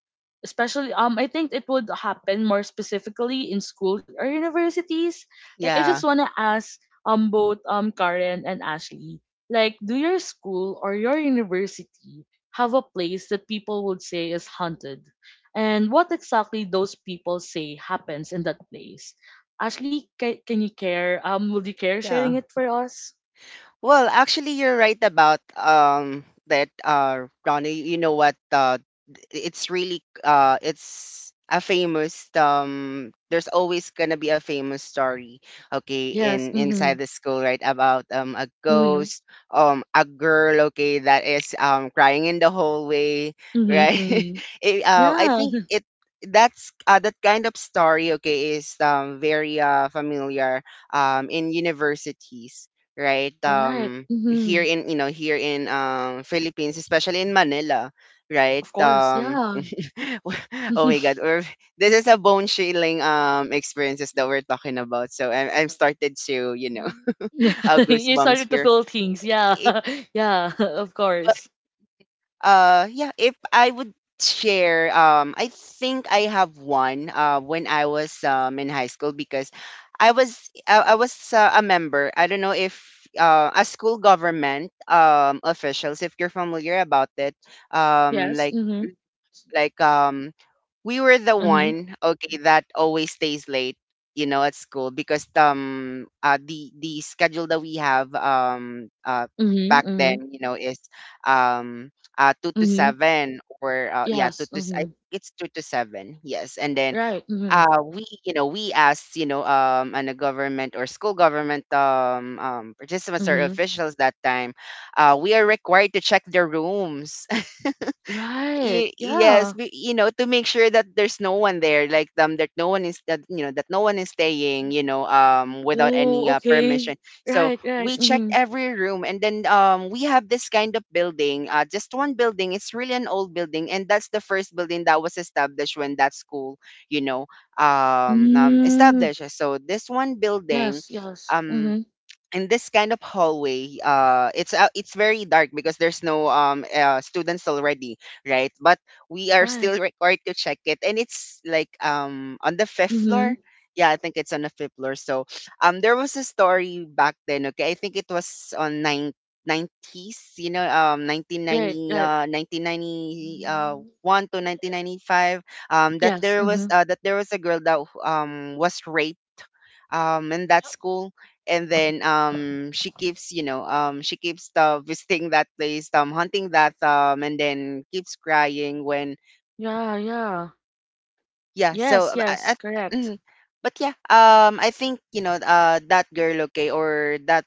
Speaker 1: Especially, I think it would happen more specifically in school or universities. Like, I
Speaker 2: Mm-hmm.
Speaker 1: just
Speaker 3: Yeah.
Speaker 1: wanna ask, both Karen and Ashley, like, do your school or your university have a place that people would say is haunted? And what exactly those people say happens in that place? Ashley, can you care? Would you care
Speaker 3: Yeah.
Speaker 1: sharing it for us?
Speaker 3: Well, actually, you're right about that, Ronnie. You know what? It's really, it's a famous. There's always gonna be a famous story, okay,
Speaker 1: Yes.
Speaker 3: in
Speaker 1: Mhm.
Speaker 3: inside the school, right? About a
Speaker 1: Mhm.
Speaker 3: ghost, a girl, okay, that is crying in the hallway,
Speaker 1: Mhm,
Speaker 3: right?
Speaker 1: mhm.
Speaker 3: it, I
Speaker 1: Yeah,
Speaker 3: think it That's, that kind of story, okay, is very familiar, in universities, right?
Speaker 1: right. Mhm.
Speaker 3: Here in, you know, here in Philippines, especially in Manila, right?
Speaker 1: Of course, yeah.
Speaker 2: Yeah.
Speaker 3: Oh my God, this is a bone chilling experiences
Speaker 2: Mm-hmm.
Speaker 3: that we're talking about. So I'm started to, you know,
Speaker 1: Mm. You
Speaker 3: goosebumps
Speaker 1: started to
Speaker 3: here.
Speaker 1: feel things, yeah. Yeah, of course.
Speaker 3: Yeah, if I would share, I think I have one. When I was in high school, because I was a member. I don't know if, a school government officials, if you're familiar about it, um
Speaker 1: Yes.
Speaker 3: like
Speaker 1: Mhm.
Speaker 3: like we were the
Speaker 1: Mhm.
Speaker 3: one, okay, that always stays late, you know, at school, because the schedule that we have,
Speaker 1: Mhm.
Speaker 3: back
Speaker 1: Mhm.
Speaker 3: then, you know, is um 2 to
Speaker 1: Mhm.
Speaker 3: 7, or, yeah, 2
Speaker 1: Yes.
Speaker 3: to s- I
Speaker 1: Mhm.
Speaker 3: think it's 2 to 7, yes, and then,
Speaker 1: Right. Mhm.
Speaker 3: we, you know, we asked, you know, and a government or school government, participants or
Speaker 1: Mhm.
Speaker 3: officials, that time, we are required to check their rooms.
Speaker 1: Right.
Speaker 3: Yes.
Speaker 1: Yeah.
Speaker 3: You know, to make sure that there's no one there, like, that no one is staying, you know, without
Speaker 1: Oh,
Speaker 3: any,
Speaker 1: okay.
Speaker 3: permission. So
Speaker 1: Right, right.
Speaker 3: we checked
Speaker 1: Mhm.
Speaker 3: every room. And then, we have this kind of building, just one building. It's really an old building, and that's the first building that was established when that school, you know,
Speaker 1: Mm.
Speaker 3: established. So this one building,
Speaker 1: Yes, yes.
Speaker 3: um
Speaker 1: Mhm.
Speaker 3: in this kind of hallway, it's very dark, because there's no, students already, right? But we are
Speaker 1: Right.
Speaker 3: still required to check it, and it's like, on the fifth floor.
Speaker 1: Mhm.
Speaker 3: Yeah, I think it's on the fifth floor. So, there was a story back then, okay, I think it was on nine 90s, you know,
Speaker 1: Right,
Speaker 3: 1990,
Speaker 1: right.
Speaker 3: 1990,
Speaker 1: Mm.
Speaker 3: 1 to 1995,
Speaker 1: Yes. Mm-hmm.
Speaker 3: that there was a girl that was raped in that school. And then, she keeps you know she keeps visiting that place, hunting that, and then keeps crying when,
Speaker 1: Yeah, yeah.
Speaker 3: yeah. So,
Speaker 1: Yes, yes, correct.
Speaker 3: mhm. But yeah, I think that girl, okay, or that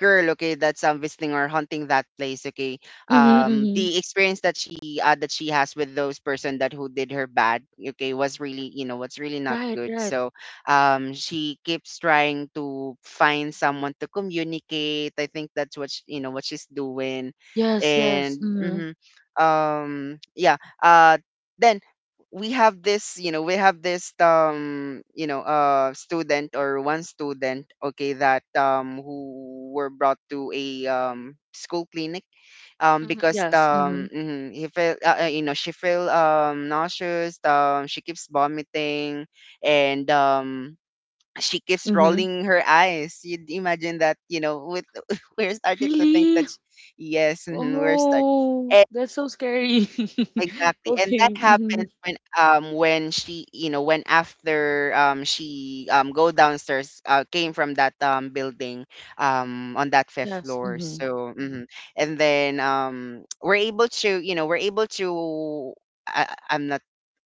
Speaker 3: girl, okay, that's visiting or hunting that place, okay,
Speaker 1: Mm-hmm, mm-hmm.
Speaker 3: the experience that she has with those person that who did her bad, okay, was really what's really not
Speaker 1: Right,
Speaker 3: good.
Speaker 1: right.
Speaker 3: So she keeps trying to find someone to communicate. I think that's what sh you know what she's doing.
Speaker 1: Yes, yes.
Speaker 3: and
Speaker 1: Mm-hmm.
Speaker 3: mhm, um yeah uh then we have this you know we have this, student or one student, okay, that who were brought to a school clinic,
Speaker 2: Mm-hmm.
Speaker 3: because
Speaker 1: Yes. Mm-hmm.
Speaker 3: he felt, she feel nauseous. She keeps vomiting and she keeps
Speaker 1: Mm-hmm.
Speaker 3: rolling her eyes. You'd imagine that, you know, with we're started to think
Speaker 1: Really?
Speaker 3: that we're start.
Speaker 1: Oh, that's so scary.
Speaker 3: Exactly. And
Speaker 1: Okay.
Speaker 3: that
Speaker 1: Mm-hmm.
Speaker 3: happens when she you know when after she go downstairs, came from that building on that fifth
Speaker 1: Yes.
Speaker 3: floor.
Speaker 1: Mm-hmm.
Speaker 3: So and then we're able to, we're able to, I'm not,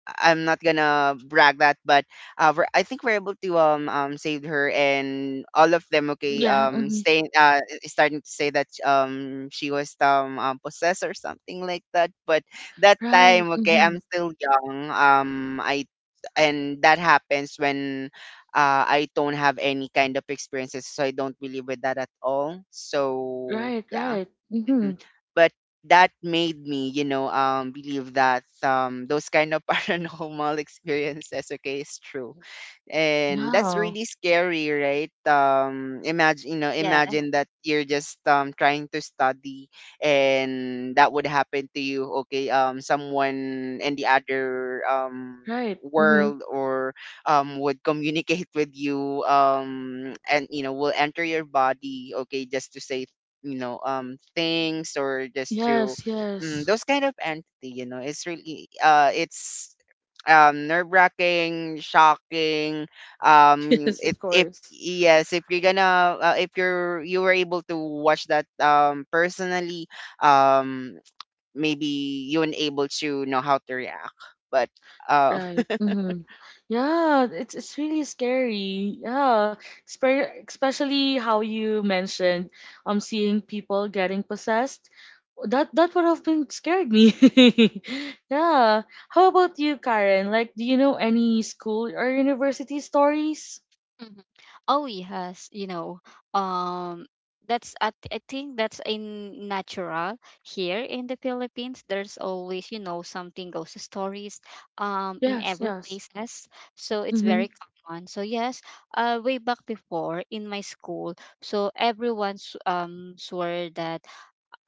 Speaker 3: I'm not gonna brag that, but I think we're able to save her. And all of them, okay,
Speaker 1: Yeah. Mm-hmm.
Speaker 3: staying starting to say that she was possessed or something like that. But that
Speaker 1: Right.
Speaker 3: time, okay,
Speaker 1: Mm-hmm.
Speaker 3: I'm still young. I, and that happens when I don't have any kind of experiences, so I don't believe with that at all. So
Speaker 1: Right,
Speaker 3: yeah.
Speaker 1: right. Mm-hmm.
Speaker 3: Mm. But that made me, you know, believe that, those kind of paranormal experiences, okay, is true. And that's
Speaker 1: Yeah.
Speaker 3: really scary, right? Imagine,
Speaker 2: Yeah.
Speaker 3: imagine that you're just trying to study and that would happen to you, okay, someone in the other
Speaker 1: Right. Mm-hmm.
Speaker 3: world or would communicate with you and, you know, will enter your body, okay, just to say, things or just to,
Speaker 1: Yes, yes.
Speaker 3: those kind of entity, you know, it's really it's nerve-wracking, shocking. Um,
Speaker 1: Yes,
Speaker 3: if
Speaker 1: of
Speaker 3: if
Speaker 1: course.
Speaker 3: yes, if you're gonna, if you're, you were able to watch that personally, um, maybe you weren't able to know how to react. But uh,
Speaker 1: Right. Hmm. Yeah, it's really scary. Yeah. Especially how you mentioned seeing people getting possessed. That would have been scared me. Yeah. How about you, Karen? Like, do you know any school or university stories?
Speaker 2: Mhm. Oh yes, you know, um, that's I think that's in natural here in the Philippines. There's always, you know, something ghost stories, in
Speaker 1: Yes.
Speaker 2: every
Speaker 1: Yes.
Speaker 2: places, so it's
Speaker 1: Mm-hmm.
Speaker 2: very common. So yes, way back before in my school, so everyone swore that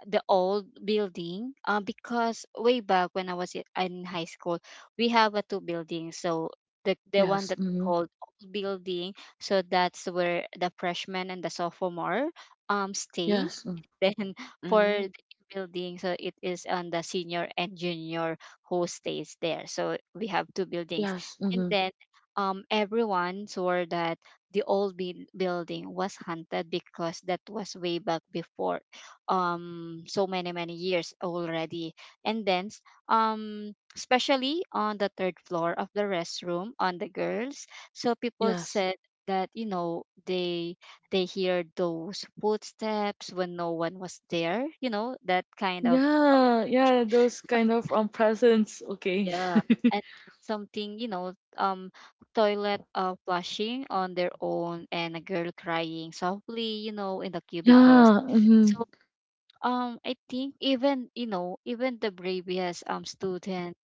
Speaker 2: the old building because way back when in high school, we have a two buildings. So the one
Speaker 1: Yes.
Speaker 2: that we
Speaker 1: Mm-hmm.
Speaker 2: called old building, so that's where the freshmen and the sophomore stay
Speaker 1: Yes. Mm.
Speaker 2: then
Speaker 3: mm,
Speaker 2: for the building, so it is on the senior and junior who stays there. So we have two buildings,
Speaker 1: Yes.
Speaker 2: and
Speaker 1: Mm-hmm.
Speaker 2: then everyone swore that the building was haunted because that was way back before so many many years already. And then especially on the third floor of the restroom on the girls, so people
Speaker 1: Yes.
Speaker 2: said that you know they hear those footsteps when no one was there, you know, that kind of
Speaker 1: Yeah. Yeah. Those kind of presents. Okay.
Speaker 2: yeah. And something, you know, toilet flushing on their own, and a girl crying softly, you know, in the cubicles.
Speaker 1: Yeah, mhm.
Speaker 2: So I think even, you know, even the bravest student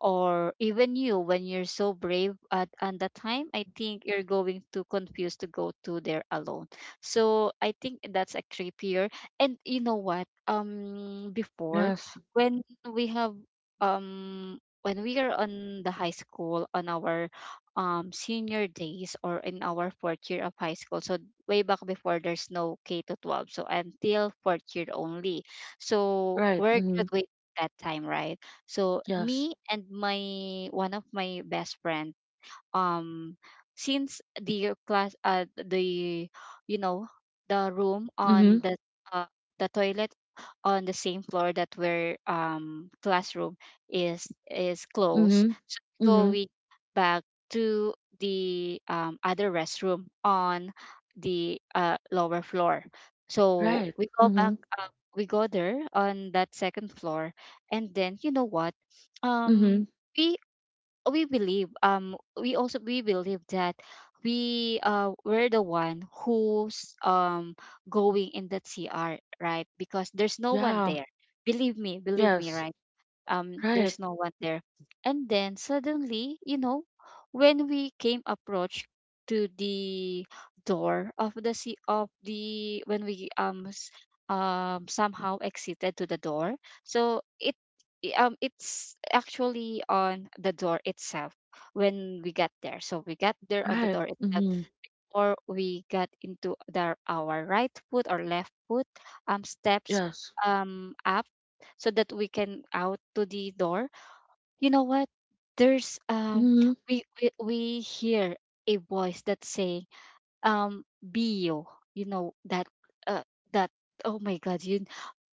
Speaker 2: or even you when you're so brave at the time, I think you're going too confused to go to there alone. So I think that's a creepier. And you know what before
Speaker 1: Yes.
Speaker 2: when we have when we are on the high school on our senior days or in our fourth year of high school, so way back before there's no k to 12, so until fourth year only, so
Speaker 1: Right.
Speaker 2: we're
Speaker 1: Mm-hmm.
Speaker 2: graduating that time, right? So
Speaker 1: Yes.
Speaker 2: me and my one of my best friend, um since the class the you know the room on
Speaker 1: Mm-hmm.
Speaker 2: uh, the toilet on the same floor that where classroom is closed,
Speaker 1: Mm-hmm.
Speaker 2: so
Speaker 1: Mm-hmm.
Speaker 2: going back to the other restroom on the lower floor, so
Speaker 1: Right.
Speaker 2: we go back
Speaker 1: Mm-hmm.
Speaker 2: we go there on that second floor. And then you know what um
Speaker 1: Mm-hmm.
Speaker 2: we we believe we also we believe that we're the one who's going in the CR, right? Because there's no one
Speaker 1: Yeah.
Speaker 2: there, believe me, believe me.
Speaker 1: Yes.
Speaker 2: Right,
Speaker 1: Right.
Speaker 2: there's no one there. And then suddenly, you know, when we came approach to the door of the sea of the when somehow exited to the door, so it's actually on the door itself when we got there, so we got there on the
Speaker 1: Right.
Speaker 2: door itself,
Speaker 1: Mm-hmm.
Speaker 2: or we got into the, our right foot or left foot steps
Speaker 1: Yes.
Speaker 2: up, so that we can out to the door. You know what, there's
Speaker 1: Mm-hmm.
Speaker 2: we hear a voice that's saying bio, you know, that uh that oh my god, you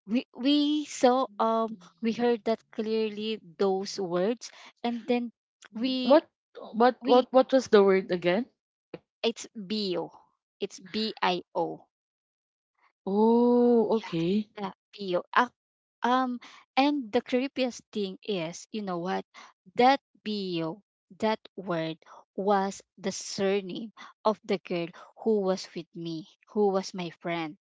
Speaker 2: we saw we heard that clearly those words, and then we
Speaker 1: What what
Speaker 2: we
Speaker 1: what what was the word again?
Speaker 2: it's bio, it's bio.
Speaker 1: Oh, okay.
Speaker 2: Bio. Ah, um, and the creepiest thing is, you know what? That bio, that word was the surname of the girl who was with me, who was my friend.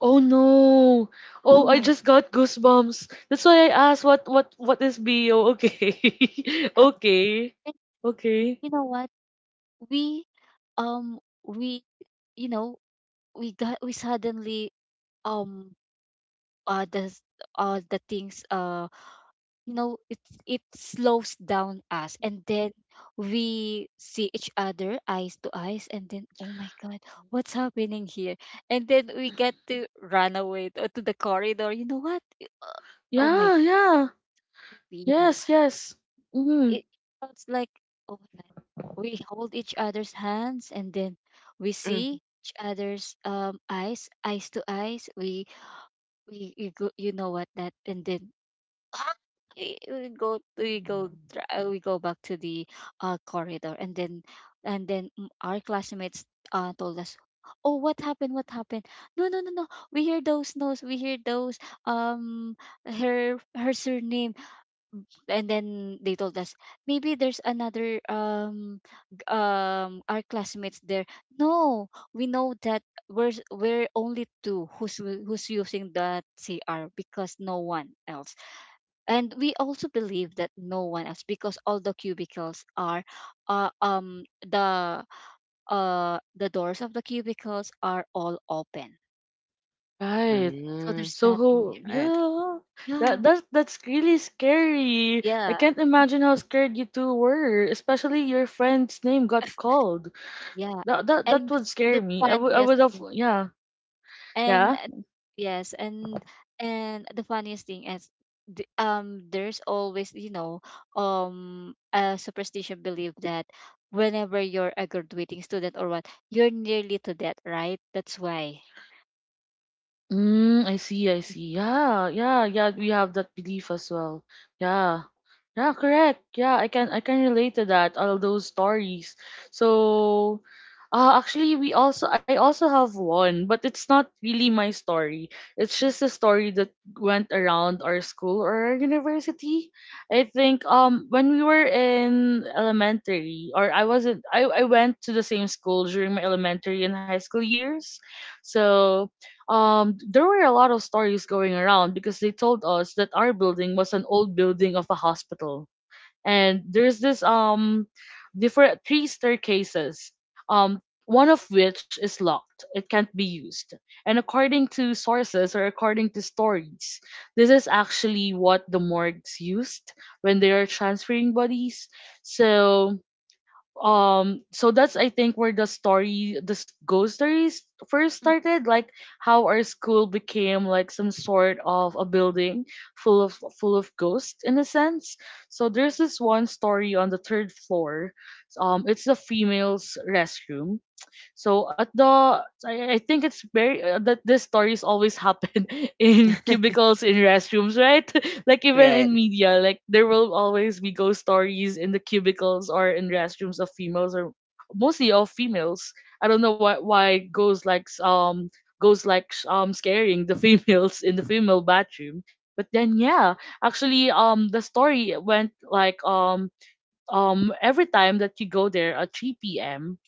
Speaker 1: Oh no. Oh, I
Speaker 2: Oh.
Speaker 1: just got goosebumps. That's why I asked what is BO? Okay.
Speaker 2: Uh,
Speaker 1: Okay.
Speaker 2: and
Speaker 1: Okay.
Speaker 2: you know what? We, we, you know, we suddenly um uh the s- the things. You know it's it slows down us, and then we see each other eyes to eyes, and then oh my god, what's happening here. And then we get to run away to the corridor, you know what, oh my
Speaker 1: Yeah, yeah.
Speaker 2: creepy, you know,
Speaker 1: Yes, yes. Mm-hmm.
Speaker 2: it sounds like oh my god. We hold each other's hands, and then we
Speaker 3: mm,
Speaker 2: see each other's eyes eyes to eyes, we we go, you know what that, and then actually, we go we go back to the corridor, and then mm, our classmates told us oh what happened, what happened. No no no no, we hear those no's, we hear those um her her surname, and then they told us maybe there's another our classmates there. No, we know that we're only two who's who's using that CR because no one else. And we also believe that no one else because all the cubicles are uh, um the the doors of the cubicles are all open,
Speaker 1: Right.
Speaker 2: so
Speaker 3: mm,
Speaker 2: there's
Speaker 1: So
Speaker 2: nothing
Speaker 1: who
Speaker 2: there.
Speaker 3: right,
Speaker 1: yeah
Speaker 2: Yeah.
Speaker 1: that that that's really scary. I
Speaker 2: Yeah.
Speaker 1: can't imagine how scared you two were, especially your friend's name got called.
Speaker 2: Yeah.
Speaker 1: That
Speaker 2: and,
Speaker 1: would
Speaker 2: and
Speaker 1: scare
Speaker 2: the
Speaker 1: me. I would
Speaker 2: funniest
Speaker 1: have,
Speaker 2: thing,
Speaker 1: yeah.
Speaker 2: and
Speaker 1: Yeah.
Speaker 2: yes, and the funniest thing is there's always, you know, a superstition belief that whenever you're a graduating student or what, you're nearly to death, right? That's why
Speaker 1: Mm, I see, I see. Yeah, yeah, yeah, we have that belief as well. Yeah. Yeah, correct. Yeah, I can relate to that, all those stories. So actually we also I also have one, but it's not really my story. It's just a story that went around our school or our university. I think when we were in elementary, or I wasn't I went to the same school during my elementary and high school years. So there were a lot of stories going around because they told us that our building was an old building of a hospital, and there's this different three staircases, one of which is locked, it can't be used. And according to sources or according to stories, this is actually what the morgues used when they are transferring bodies. So um so that's, I think, where the story this ghost stories first started, like how our school became like some sort of a building full of ghosts in a sense. So there's this one story on the third floor, it's the females restroom. So I think it's very that these stories always happen in cubicles, in restrooms, right? Like even
Speaker 3: right,
Speaker 1: in media, like there will always be ghost stories in the cubicles or in restrooms of females, or mostly of females. I don't know why ghosts likes scaring the females in the female bathroom. But then yeah, actually the story went like every time that you go there at 3 p.m.,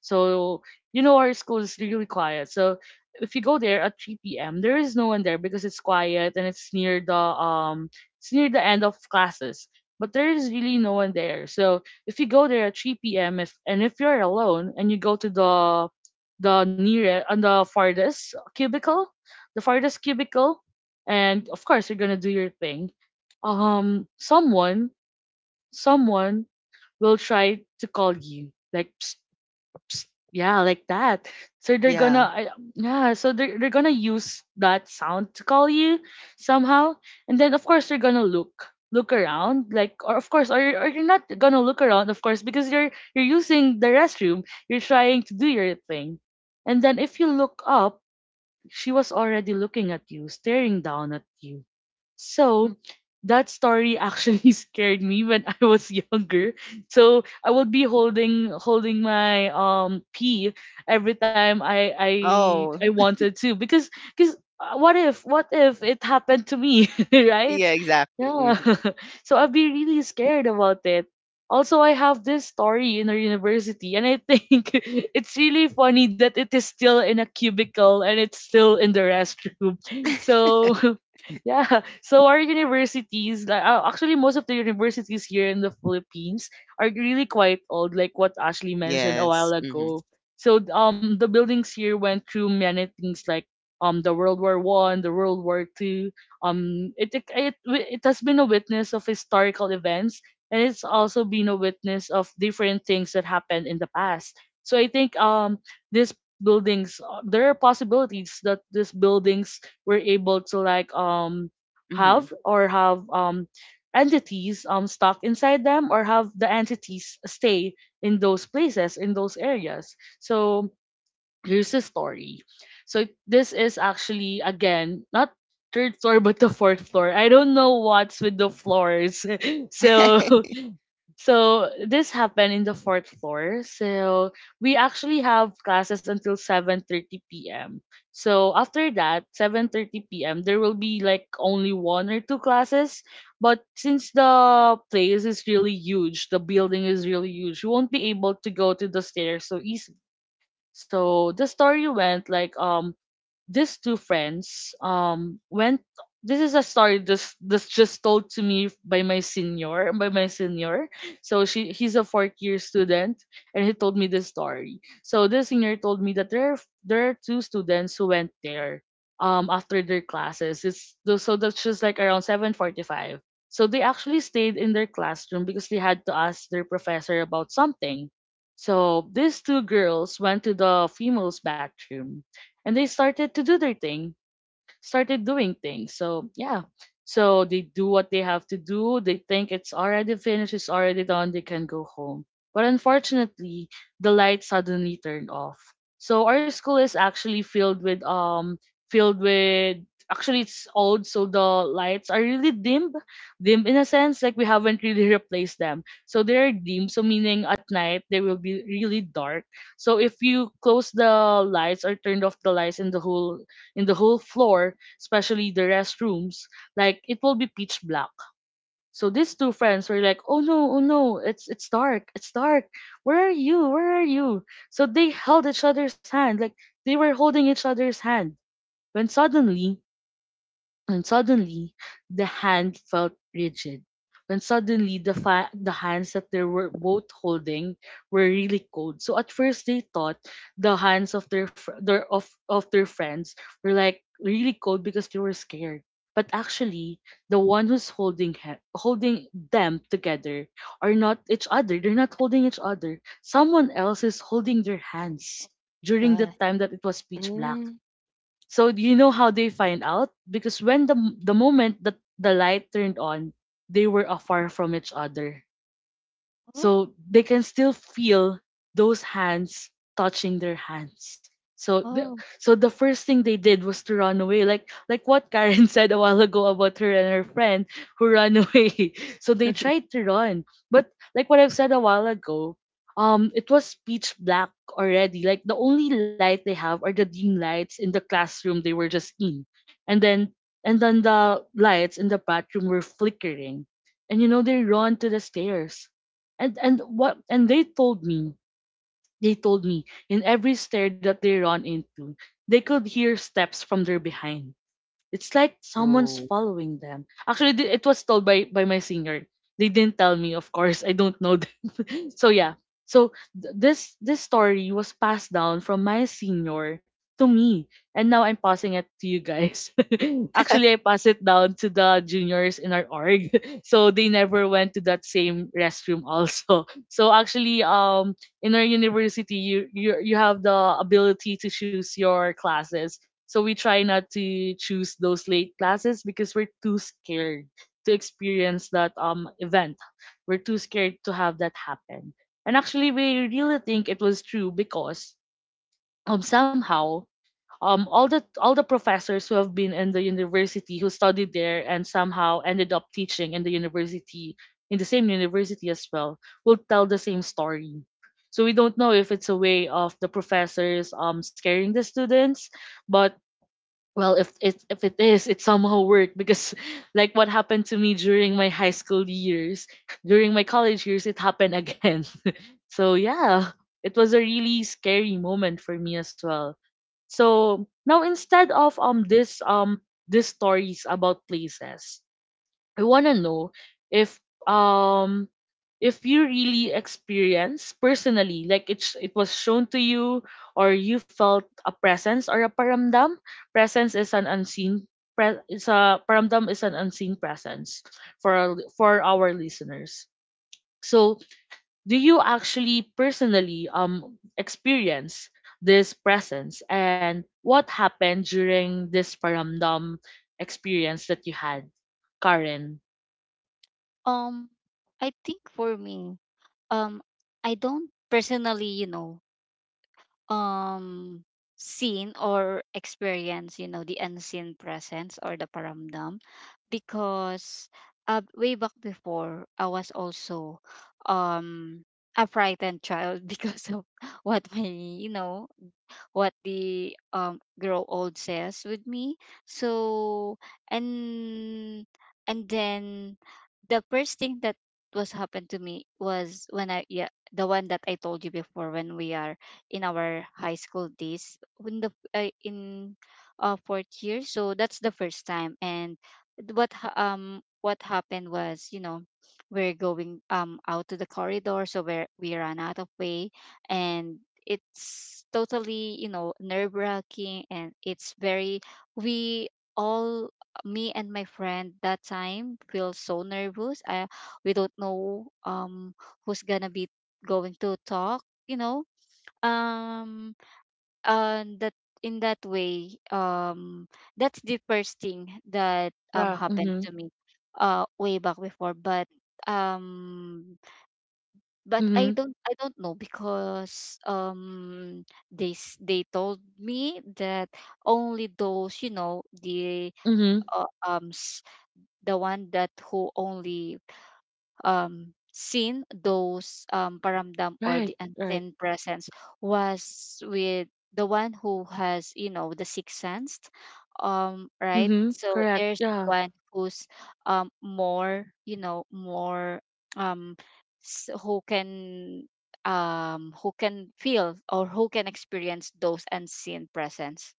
Speaker 1: so you know our school is really quiet. So if you go there at 3 p.m., there is no one there because it's quiet, and it's near the end of classes. But there is really no one there. So if you go there at 3 p.m. if you're alone and you go to the nearest and the farthest cubicle, and of course you're gonna do your thing. Um, someone, someone will try to call you, like, psst, yeah, like that. So they're gonna,
Speaker 3: yeah.
Speaker 1: yeah, so they're gonna use that sound to call you somehow. And then, of course, you're gonna look around, like, or of course, or you're not gonna look around, of course, because you're using the restroom, you're trying to do your thing. And then if you look up, she was already looking at you, staring down at you.
Speaker 2: Mm-mm.
Speaker 1: So that story actually scared me when I was younger. So I would be holding my pee every time I
Speaker 3: Oh,
Speaker 1: wanted to, because what if it happened to me, right?
Speaker 3: yeah, exactly.
Speaker 1: Yeah.
Speaker 3: Hmm.
Speaker 1: So I'd be really scared about it. Also, I have this story in our university, and I think it's really funny that it is still in a cubicle and it's still in the restroom. So yeah. So our universities, like actually most of the universities here in the Philippines are really quite old, like what Ashley mentioned a while
Speaker 3: Yes. Mm-hmm.
Speaker 1: ago. So the buildings here went through many things, like the World War I, the World War II. Um it, it it it has been a witness of historical events, and it's also been a witness of different things that happened in the past. So I think these buildings there are possibilities that these buildings we're able to like
Speaker 3: Mm-hmm.
Speaker 1: have or have entities stuck inside them, or have the entities stay in those places, in those areas. So here's the story. So this is actually, again, not third floor but the fourth floor. I don't know what's with the floors. so so this happened in the fourth floor. So we actually have classes until 7:30 p.m. So after that, 7:30 p.m. there will be like only one or two classes, but since the place is really huge, the building is really huge, you won't be able to go to the stairs so easily. So the story went like, these two friends went. This is a story, this just told to me by my senior, so she he's a fourth year student, and he told me this story. So this senior told me that there are two students who went there after their classes. So that's just like around 7:45. So they actually stayed in their classroom because they had to ask their professor about something. So these two girls went to the females bathroom and they started to do their thing started doing things. So yeah. So they do what they have to do. They think it's already finished, it's already done, they can go home. But unfortunately, the light suddenly turned off. So our school is actually filled with actually it's old, so the lights are really dim. Dim in a sense, like we haven't really replaced them. So they're dim, so meaning at night they will be really dark. So if you close the lights, or turned off the lights in the whole, in the whole floor, especially the restrooms, like it will be pitch black. So these two friends were like, "Oh no, oh no, it's dark, it's dark. Where are you? Where are you?" So they held each other's hand, like they were holding each other's hand. When suddenly when suddenly the hand felt rigid. When suddenly the hands that they were both holding were really cold. So at first they thought the hands of their fr- their of their friends were like really cold because they were scared. But actually, the one who's holding them together are not each other. They're not holding each other. Someone else is holding their hands during the
Speaker 2: God.
Speaker 1: time that it was pitch black.
Speaker 3: Mm.
Speaker 1: So you know how they find out? Because when the moment that the light turned on, they were afar from each other,
Speaker 2: Oh.
Speaker 1: so they can still feel those hands touching their hands. so the,
Speaker 2: oh.
Speaker 1: so the first thing they did was to run away, like what Karen said a while ago about her and her friend who ran away. So they tried to run, but like what I've said a while ago, it was pitch black already. Like the only light they have are the dim lights in the classroom they were just in, and then and then the lights in the bathroom were flickering. And you know, they run to the stairs, and they told me, in every stair that they run into they could hear steps from their behind. It's like someone's
Speaker 3: Oh,
Speaker 1: following them. Actually, it was told by my singer. They didn't tell me, of course, I don't know. So yeah, so this story was passed down from my senior to me, and now I'm passing it to you guys. Actually, I pass it down to the juniors in our org. So they never went to that same restroom also. So actually, in our university you have the ability to choose your classes, so we try not to choose those late classes because we're too scared to experience that event. We're too scared to have that happen. And actually, we really think it was true because, somehow, all the professors who have been in the university, who studied there and somehow ended up teaching in the university, in the same university as well, will tell the same story. So we don't know if it's a way of the professors scaring the students, but well, if it, if it is, it somehow worked, because like what happened to me during my high school years, during my college years, it happened again. So yeah, it was a really scary moment for me as well. So now, instead of this these stories about places, I want to know if, um if you really experience personally, like it it was shown to you, or you felt a presence or a paramdam. Presence is an unseen, it's a, paramdam is an unseen presence, for our listeners. So do you actually personally experience this presence, and what happened during this paramdam experience that you had, Karen?
Speaker 2: Um, I think for me, um, I don't personally, you know, um, seen or experience, you know, the unseen presence or the paramdam because way back before, I was also um a frightened child because of what my, you know, what the grow old says with me. So and and then the first thing that was happened to me was when I yeah the one that I told you before when we are in our high school days when the in fourth year, so that's the first time. And what happened was, you know, we're going out to the corridor, so where we ran out of way. And it's totally, you know, nerve wracking, and it's very we all me and my friend that time feel so nervous. We don't know who's gonna be going to talk, you know, um and that in that way, that's the first thing that
Speaker 1: Yeah.
Speaker 2: happened
Speaker 1: Mhm.
Speaker 2: to me way back before. But um
Speaker 1: Mhm.
Speaker 2: I don't know because they they told me that only those, you know, the
Speaker 1: Mhm.
Speaker 2: uh, um s- the one that who only seen those paramdam or the
Speaker 1: Right. Right.
Speaker 2: unseen presence was with the one who has, you know, the sixth sense, right?
Speaker 1: Mhm.
Speaker 2: So
Speaker 1: Correct.
Speaker 2: there's
Speaker 1: Yeah.
Speaker 2: one who's more, you know, more um s- who can who can feel or who can experience those unseen presence.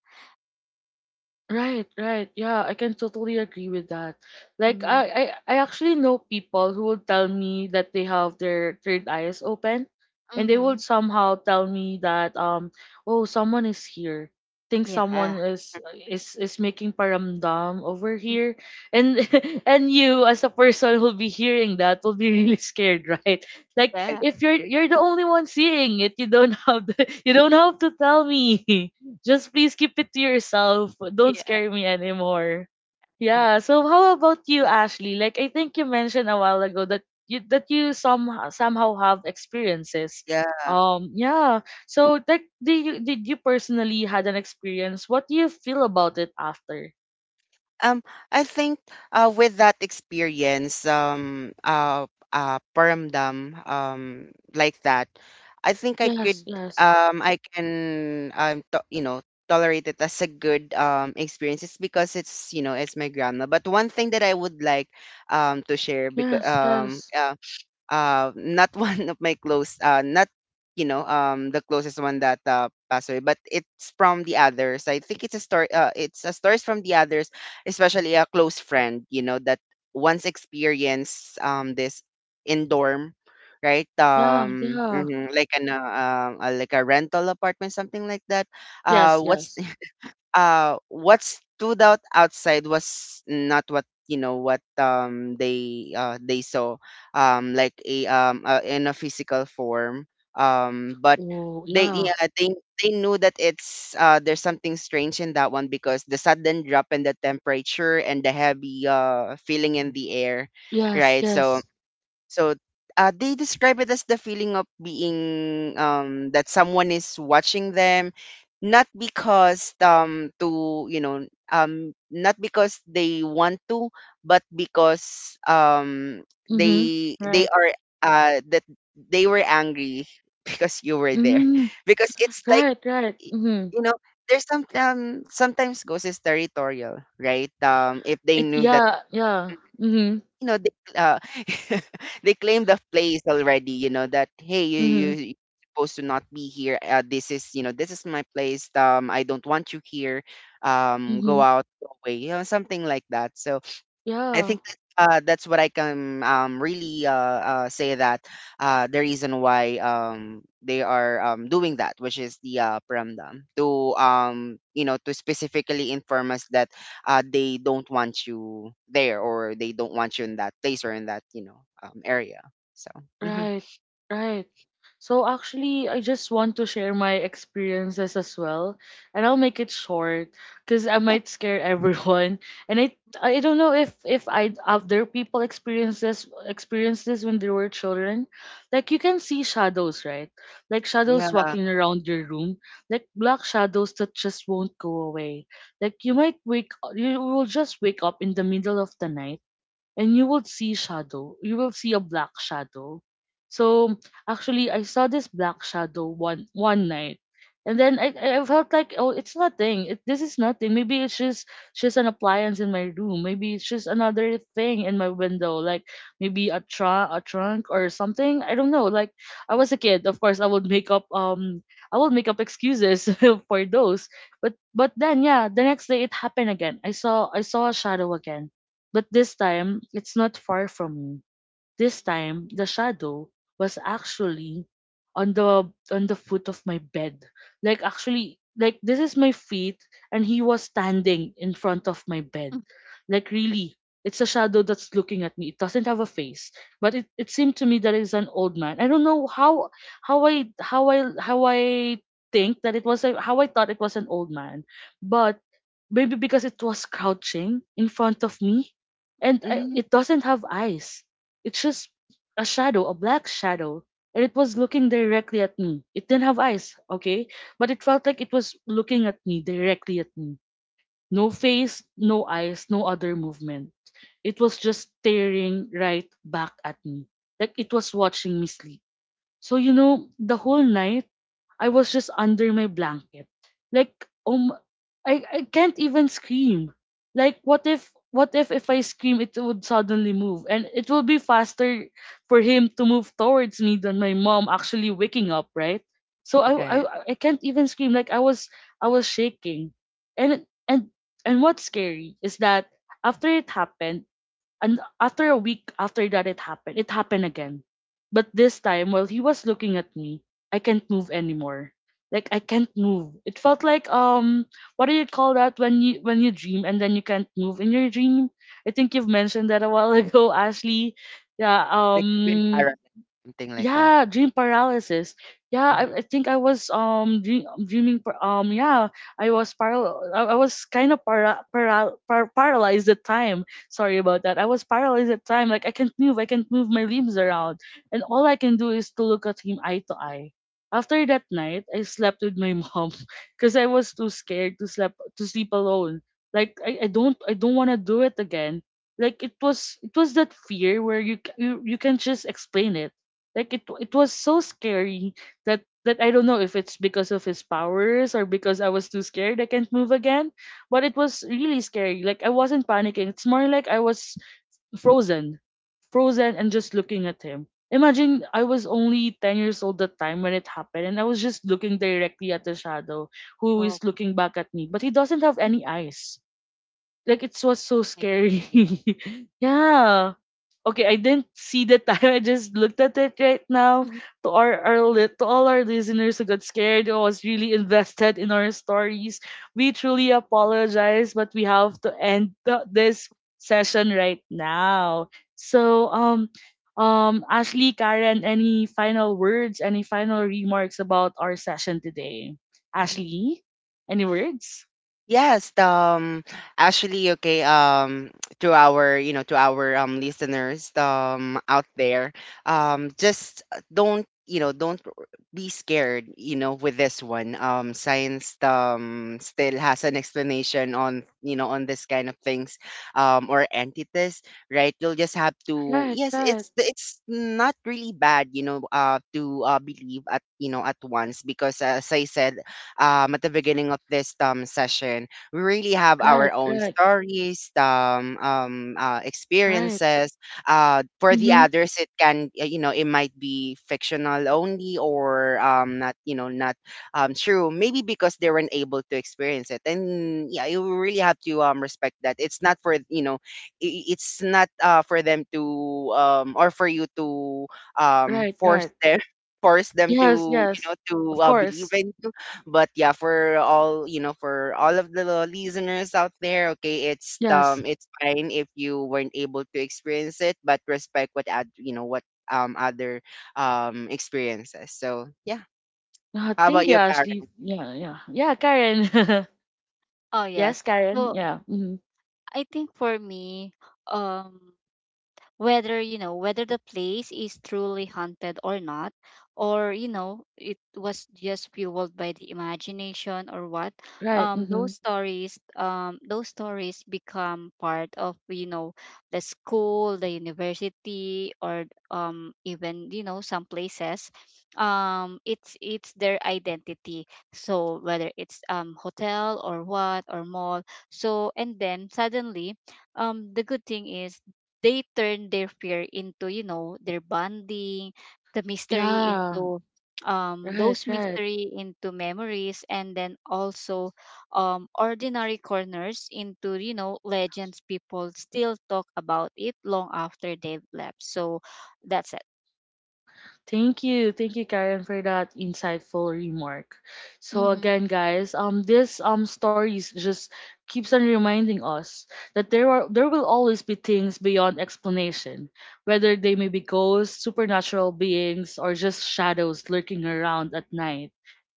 Speaker 1: Right, right. Yeah, I can totally agree with that. Like
Speaker 2: Mm-hmm.
Speaker 1: I actually know people who will tell me that they have their third eyes open, and they
Speaker 2: Mm-hmm.
Speaker 1: would somehow tell me that, oh, someone is here. Think someone
Speaker 2: Yeah.
Speaker 1: is, is making paramdam over
Speaker 2: Mm,
Speaker 1: here. And and you as a person who'll be hearing that will be really scared, right? Like
Speaker 3: eh,
Speaker 2: yeah,
Speaker 1: if you're the only one seeing it, you don't have the, you don't have to tell me. Just please keep it to yourself. Don't
Speaker 2: yeah,
Speaker 1: scare me anymore.
Speaker 2: yeah.
Speaker 1: Yeah. So how about you, Ashley? Like I think you mentioned a while ago that you some somehow have experiences.
Speaker 3: yeah.
Speaker 1: Yeah. So like, did you, did you personally had an experience? What do you feel about it after?
Speaker 3: Um, I think, with that experience, paramdam, like that, I think
Speaker 1: Yes. Yes.
Speaker 3: I can, tolerate it as a good experience. It's because it's, you know, it's my grandma. But one thing that I would like, to share because
Speaker 1: Yes. Yes.
Speaker 3: not one of my close, not, you know, the closest one that passed away, but it's from the others. I think it's a story. It's a stories from the others, especially a close friend. You know that once experienced this in dorm, right?
Speaker 1: Yeah. Yeah.
Speaker 3: Mhm, like an like a rental apartment, something like that. Uh,
Speaker 1: Yes.
Speaker 3: what's
Speaker 1: Yes.
Speaker 3: what stood out outside was not what, you know, what they saw like a in a physical form, but
Speaker 1: Oh.
Speaker 3: they yeah
Speaker 1: Yeah.
Speaker 3: they they knew that it's there's something strange in that one because the sudden drop in the temperature and the heavy feeling in the air,
Speaker 1: Yes.
Speaker 3: right? So
Speaker 1: Yes.
Speaker 3: so they describe it as the feeling of being that someone is watching them, not because to you know not because they want to, but because
Speaker 1: Mhm.
Speaker 3: they
Speaker 1: Right.
Speaker 3: are that they were angry because you were there.
Speaker 1: Mm.
Speaker 3: Because
Speaker 2: Mhm.
Speaker 3: it's like
Speaker 1: Right. Right.
Speaker 3: y-
Speaker 1: Mhm.
Speaker 3: you know there's some, sometimes ghost is territorial, right? If they
Speaker 1: It
Speaker 3: knew that,
Speaker 1: yeah, yeah. Mhm.
Speaker 3: you know they uh, they claim the place already. You know that, hey, you,
Speaker 1: Mhm.
Speaker 3: you're supposed to not be here. This is, you know, this is my place. I don't want you here. Go
Speaker 1: Mhm.
Speaker 3: out, go away, you know, something like that. So I
Speaker 1: Yeah.
Speaker 3: think that, that's what I can, really, say that, the reason why, they are, doing that, which is the paramdam, to, to specifically inform us that, they don't want you there or they don't want you in that place or in that, you know, area. So mhm.
Speaker 1: Right, right. So actually, I just want to share my experiences as well, and I'll make it short because I might scare everyone. And I don't know if I, other people experience this, when they were children. Like you can see shadows, right? Like shadows
Speaker 3: Yeah,
Speaker 1: walking around your room, like black shadows that just won't go away. Like you might wake you will just wake up in the middle of the night, and you will see shadow. You will see a black shadow. So actually, I saw this black shadow one night, and then I felt like, oh, it's nothing. It, this is nothing. Maybe it's just an appliance in my room. Maybe it's just another thing in my window, like maybe a tra a trunk or something. I don't know. Like I was a kid, of course, I would make up I would make up excuses for those. But then yeah, the next day it happened again. I saw a shadow again, but this time, it's not far from me. This time, the shadow was actually on the foot of my bed. Like actually, like this is my feet, and he was standing in front of my bed.
Speaker 2: Mm.
Speaker 1: Like really, it's a shadow that's looking at me. It doesn't have a face, but it seemed to me that it's an old man. I don't know how I how I how I think that it was a, how I thought it was an old man, but maybe because it was crouching in front of me, and I,
Speaker 3: mm,
Speaker 1: it doesn't have eyes. It's just a shadow, a black shadow, and it was looking directly at me. It didn't have eyes, okay, but it felt like it was looking at me, directly at me. No face, no eyes, no other movement. It was just staring right back at me, like it was watching me sleep. So, you know, the whole night, I was just under my blanket. Like, um, I can't even scream. Like, what if I scream, it would suddenly move? And it will be faster for him to move towards me than my mom actually waking up, right? So I,
Speaker 3: okay,
Speaker 1: I, I can't even scream. Like, I was shaking. And, and, and what's scary is that after it happened, and after a week after that it happened again. But this time, while he was looking at me, I can't move anymore. Like I can't move. It felt like, what do you call that when you dream and then you can't move in your dream? I think you've mentioned that a while ago, Ashley. Yeah,
Speaker 3: like you've been
Speaker 1: um,
Speaker 3: paralyzed, something like that.
Speaker 1: yeah, dream paralysis. Yeah, I,
Speaker 3: Mm-hmm.
Speaker 1: I think I was dreaming yeah, I was kind of paralyzed at time. Sorry about that. I was paralyzed at time. Like I can't move. I can't move my limbs around. And all I can do is to look at him eye to eye. After that night, I slept with my mom because I was too scared to sleep alone. Like I don't want to do it again. Like it was that fear where you you, you can just explain it. Like it was so scary that I don't know if it's because of his powers or because I was too scared I can't move again, but it was really scary. Like I wasn't panicking. It's more like I was frozen, frozen and just looking at him. Imagine I was only 10 years old that time when it happened, and I was just looking directly at the shadow who is
Speaker 2: Oh
Speaker 1: looking back at me, but he doesn't have any eyes. Like it was so scary. Yeah. Okay, I didn't see the time. I just looked at it right now.
Speaker 2: my
Speaker 1: To our, to all our listeners who got scared or was really invested in our stories, we truly apologize, but we have to end this session right now. So, Ashley, Karen, any final words, any final remarks about our session today? Ashley, any words?
Speaker 3: Yes, actually, okay, to our, you know, to our listeners, out there, just don't, you know, don't be scared, you know, with this one. Science, still has an explanation on, you know, on this kind of things, or entities, right? You'll just have to,
Speaker 1: Right,
Speaker 3: yes,
Speaker 1: right,
Speaker 3: it's not really bad, you know, to believe at, you know, at once because as I said, at the beginning of this um session, we really have our
Speaker 1: right,
Speaker 3: own
Speaker 1: right,
Speaker 3: stories,
Speaker 1: right,
Speaker 3: experiences. For the
Speaker 1: Mm-hmm.
Speaker 3: others, it can, you know, it might be fictional only or not, you know, not true. Maybe because they weren't able to experience it. And yeah, you really have to respect that. It's not for, you know, I- it's not for them to or for you to
Speaker 1: right,
Speaker 3: force
Speaker 1: right.
Speaker 3: them force them
Speaker 1: Yes,
Speaker 3: to, you know,
Speaker 1: yes,
Speaker 3: to
Speaker 1: of
Speaker 3: believe
Speaker 1: course.
Speaker 3: in you. But yeah, for all, for all of the listeners out there, okay,
Speaker 1: Yes.
Speaker 3: it's fine if you weren't able to experience it. But respect what ad, you know, what other experiences. So yeah, how about
Speaker 1: Thank you,
Speaker 3: you, Karen?
Speaker 1: Ashley. Yeah, yeah, yeah, Karen.
Speaker 2: Oh
Speaker 1: Yes,
Speaker 2: yes.
Speaker 1: Karen.
Speaker 2: So
Speaker 1: Yeah.
Speaker 2: mm,
Speaker 1: Hmm.
Speaker 2: I think for me, um, whether, you know, whether the place is truly haunted or not, or you know, it was just fueled by the imagination or what,
Speaker 1: Right.
Speaker 2: those
Speaker 1: Hmm.
Speaker 2: stories, those stories become part of, you know, the school, the university, or even, you know, some places, it's their identity. So whether it's hotel or what or mall, so and then suddenly the good thing is, they turn their fear into, you know, their bonding, the mystery
Speaker 1: Yeah.
Speaker 2: into
Speaker 1: Right.
Speaker 2: those
Speaker 1: Right.
Speaker 2: mystery into memories, and then also ordinary corners into, you know, legends people still talk about it long after they've left. So that's it.
Speaker 1: Thank you, Karen, for that insightful remark. So
Speaker 2: Mm-hmm.
Speaker 1: again, guys, this stories just keeps on reminding us that there will always be things beyond explanation, whether they may be ghosts, supernatural beings, or just shadows lurking around at night.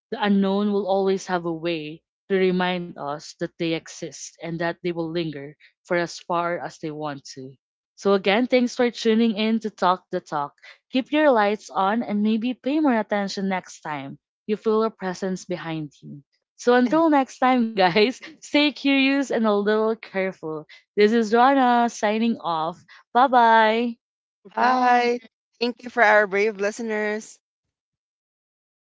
Speaker 1: The unknown will always have a way to remind us that they exist and that they will linger for as far as they want to. So, again, thanks for tuning in to Talk the Talk. Keep your lights on, and maybe pay more attention next time you feel a presence behind you. So, until next time, guys, stay curious and a little careful. This is Rana signing off. Bye bye.
Speaker 3: Hi, thank you for our brave listeners.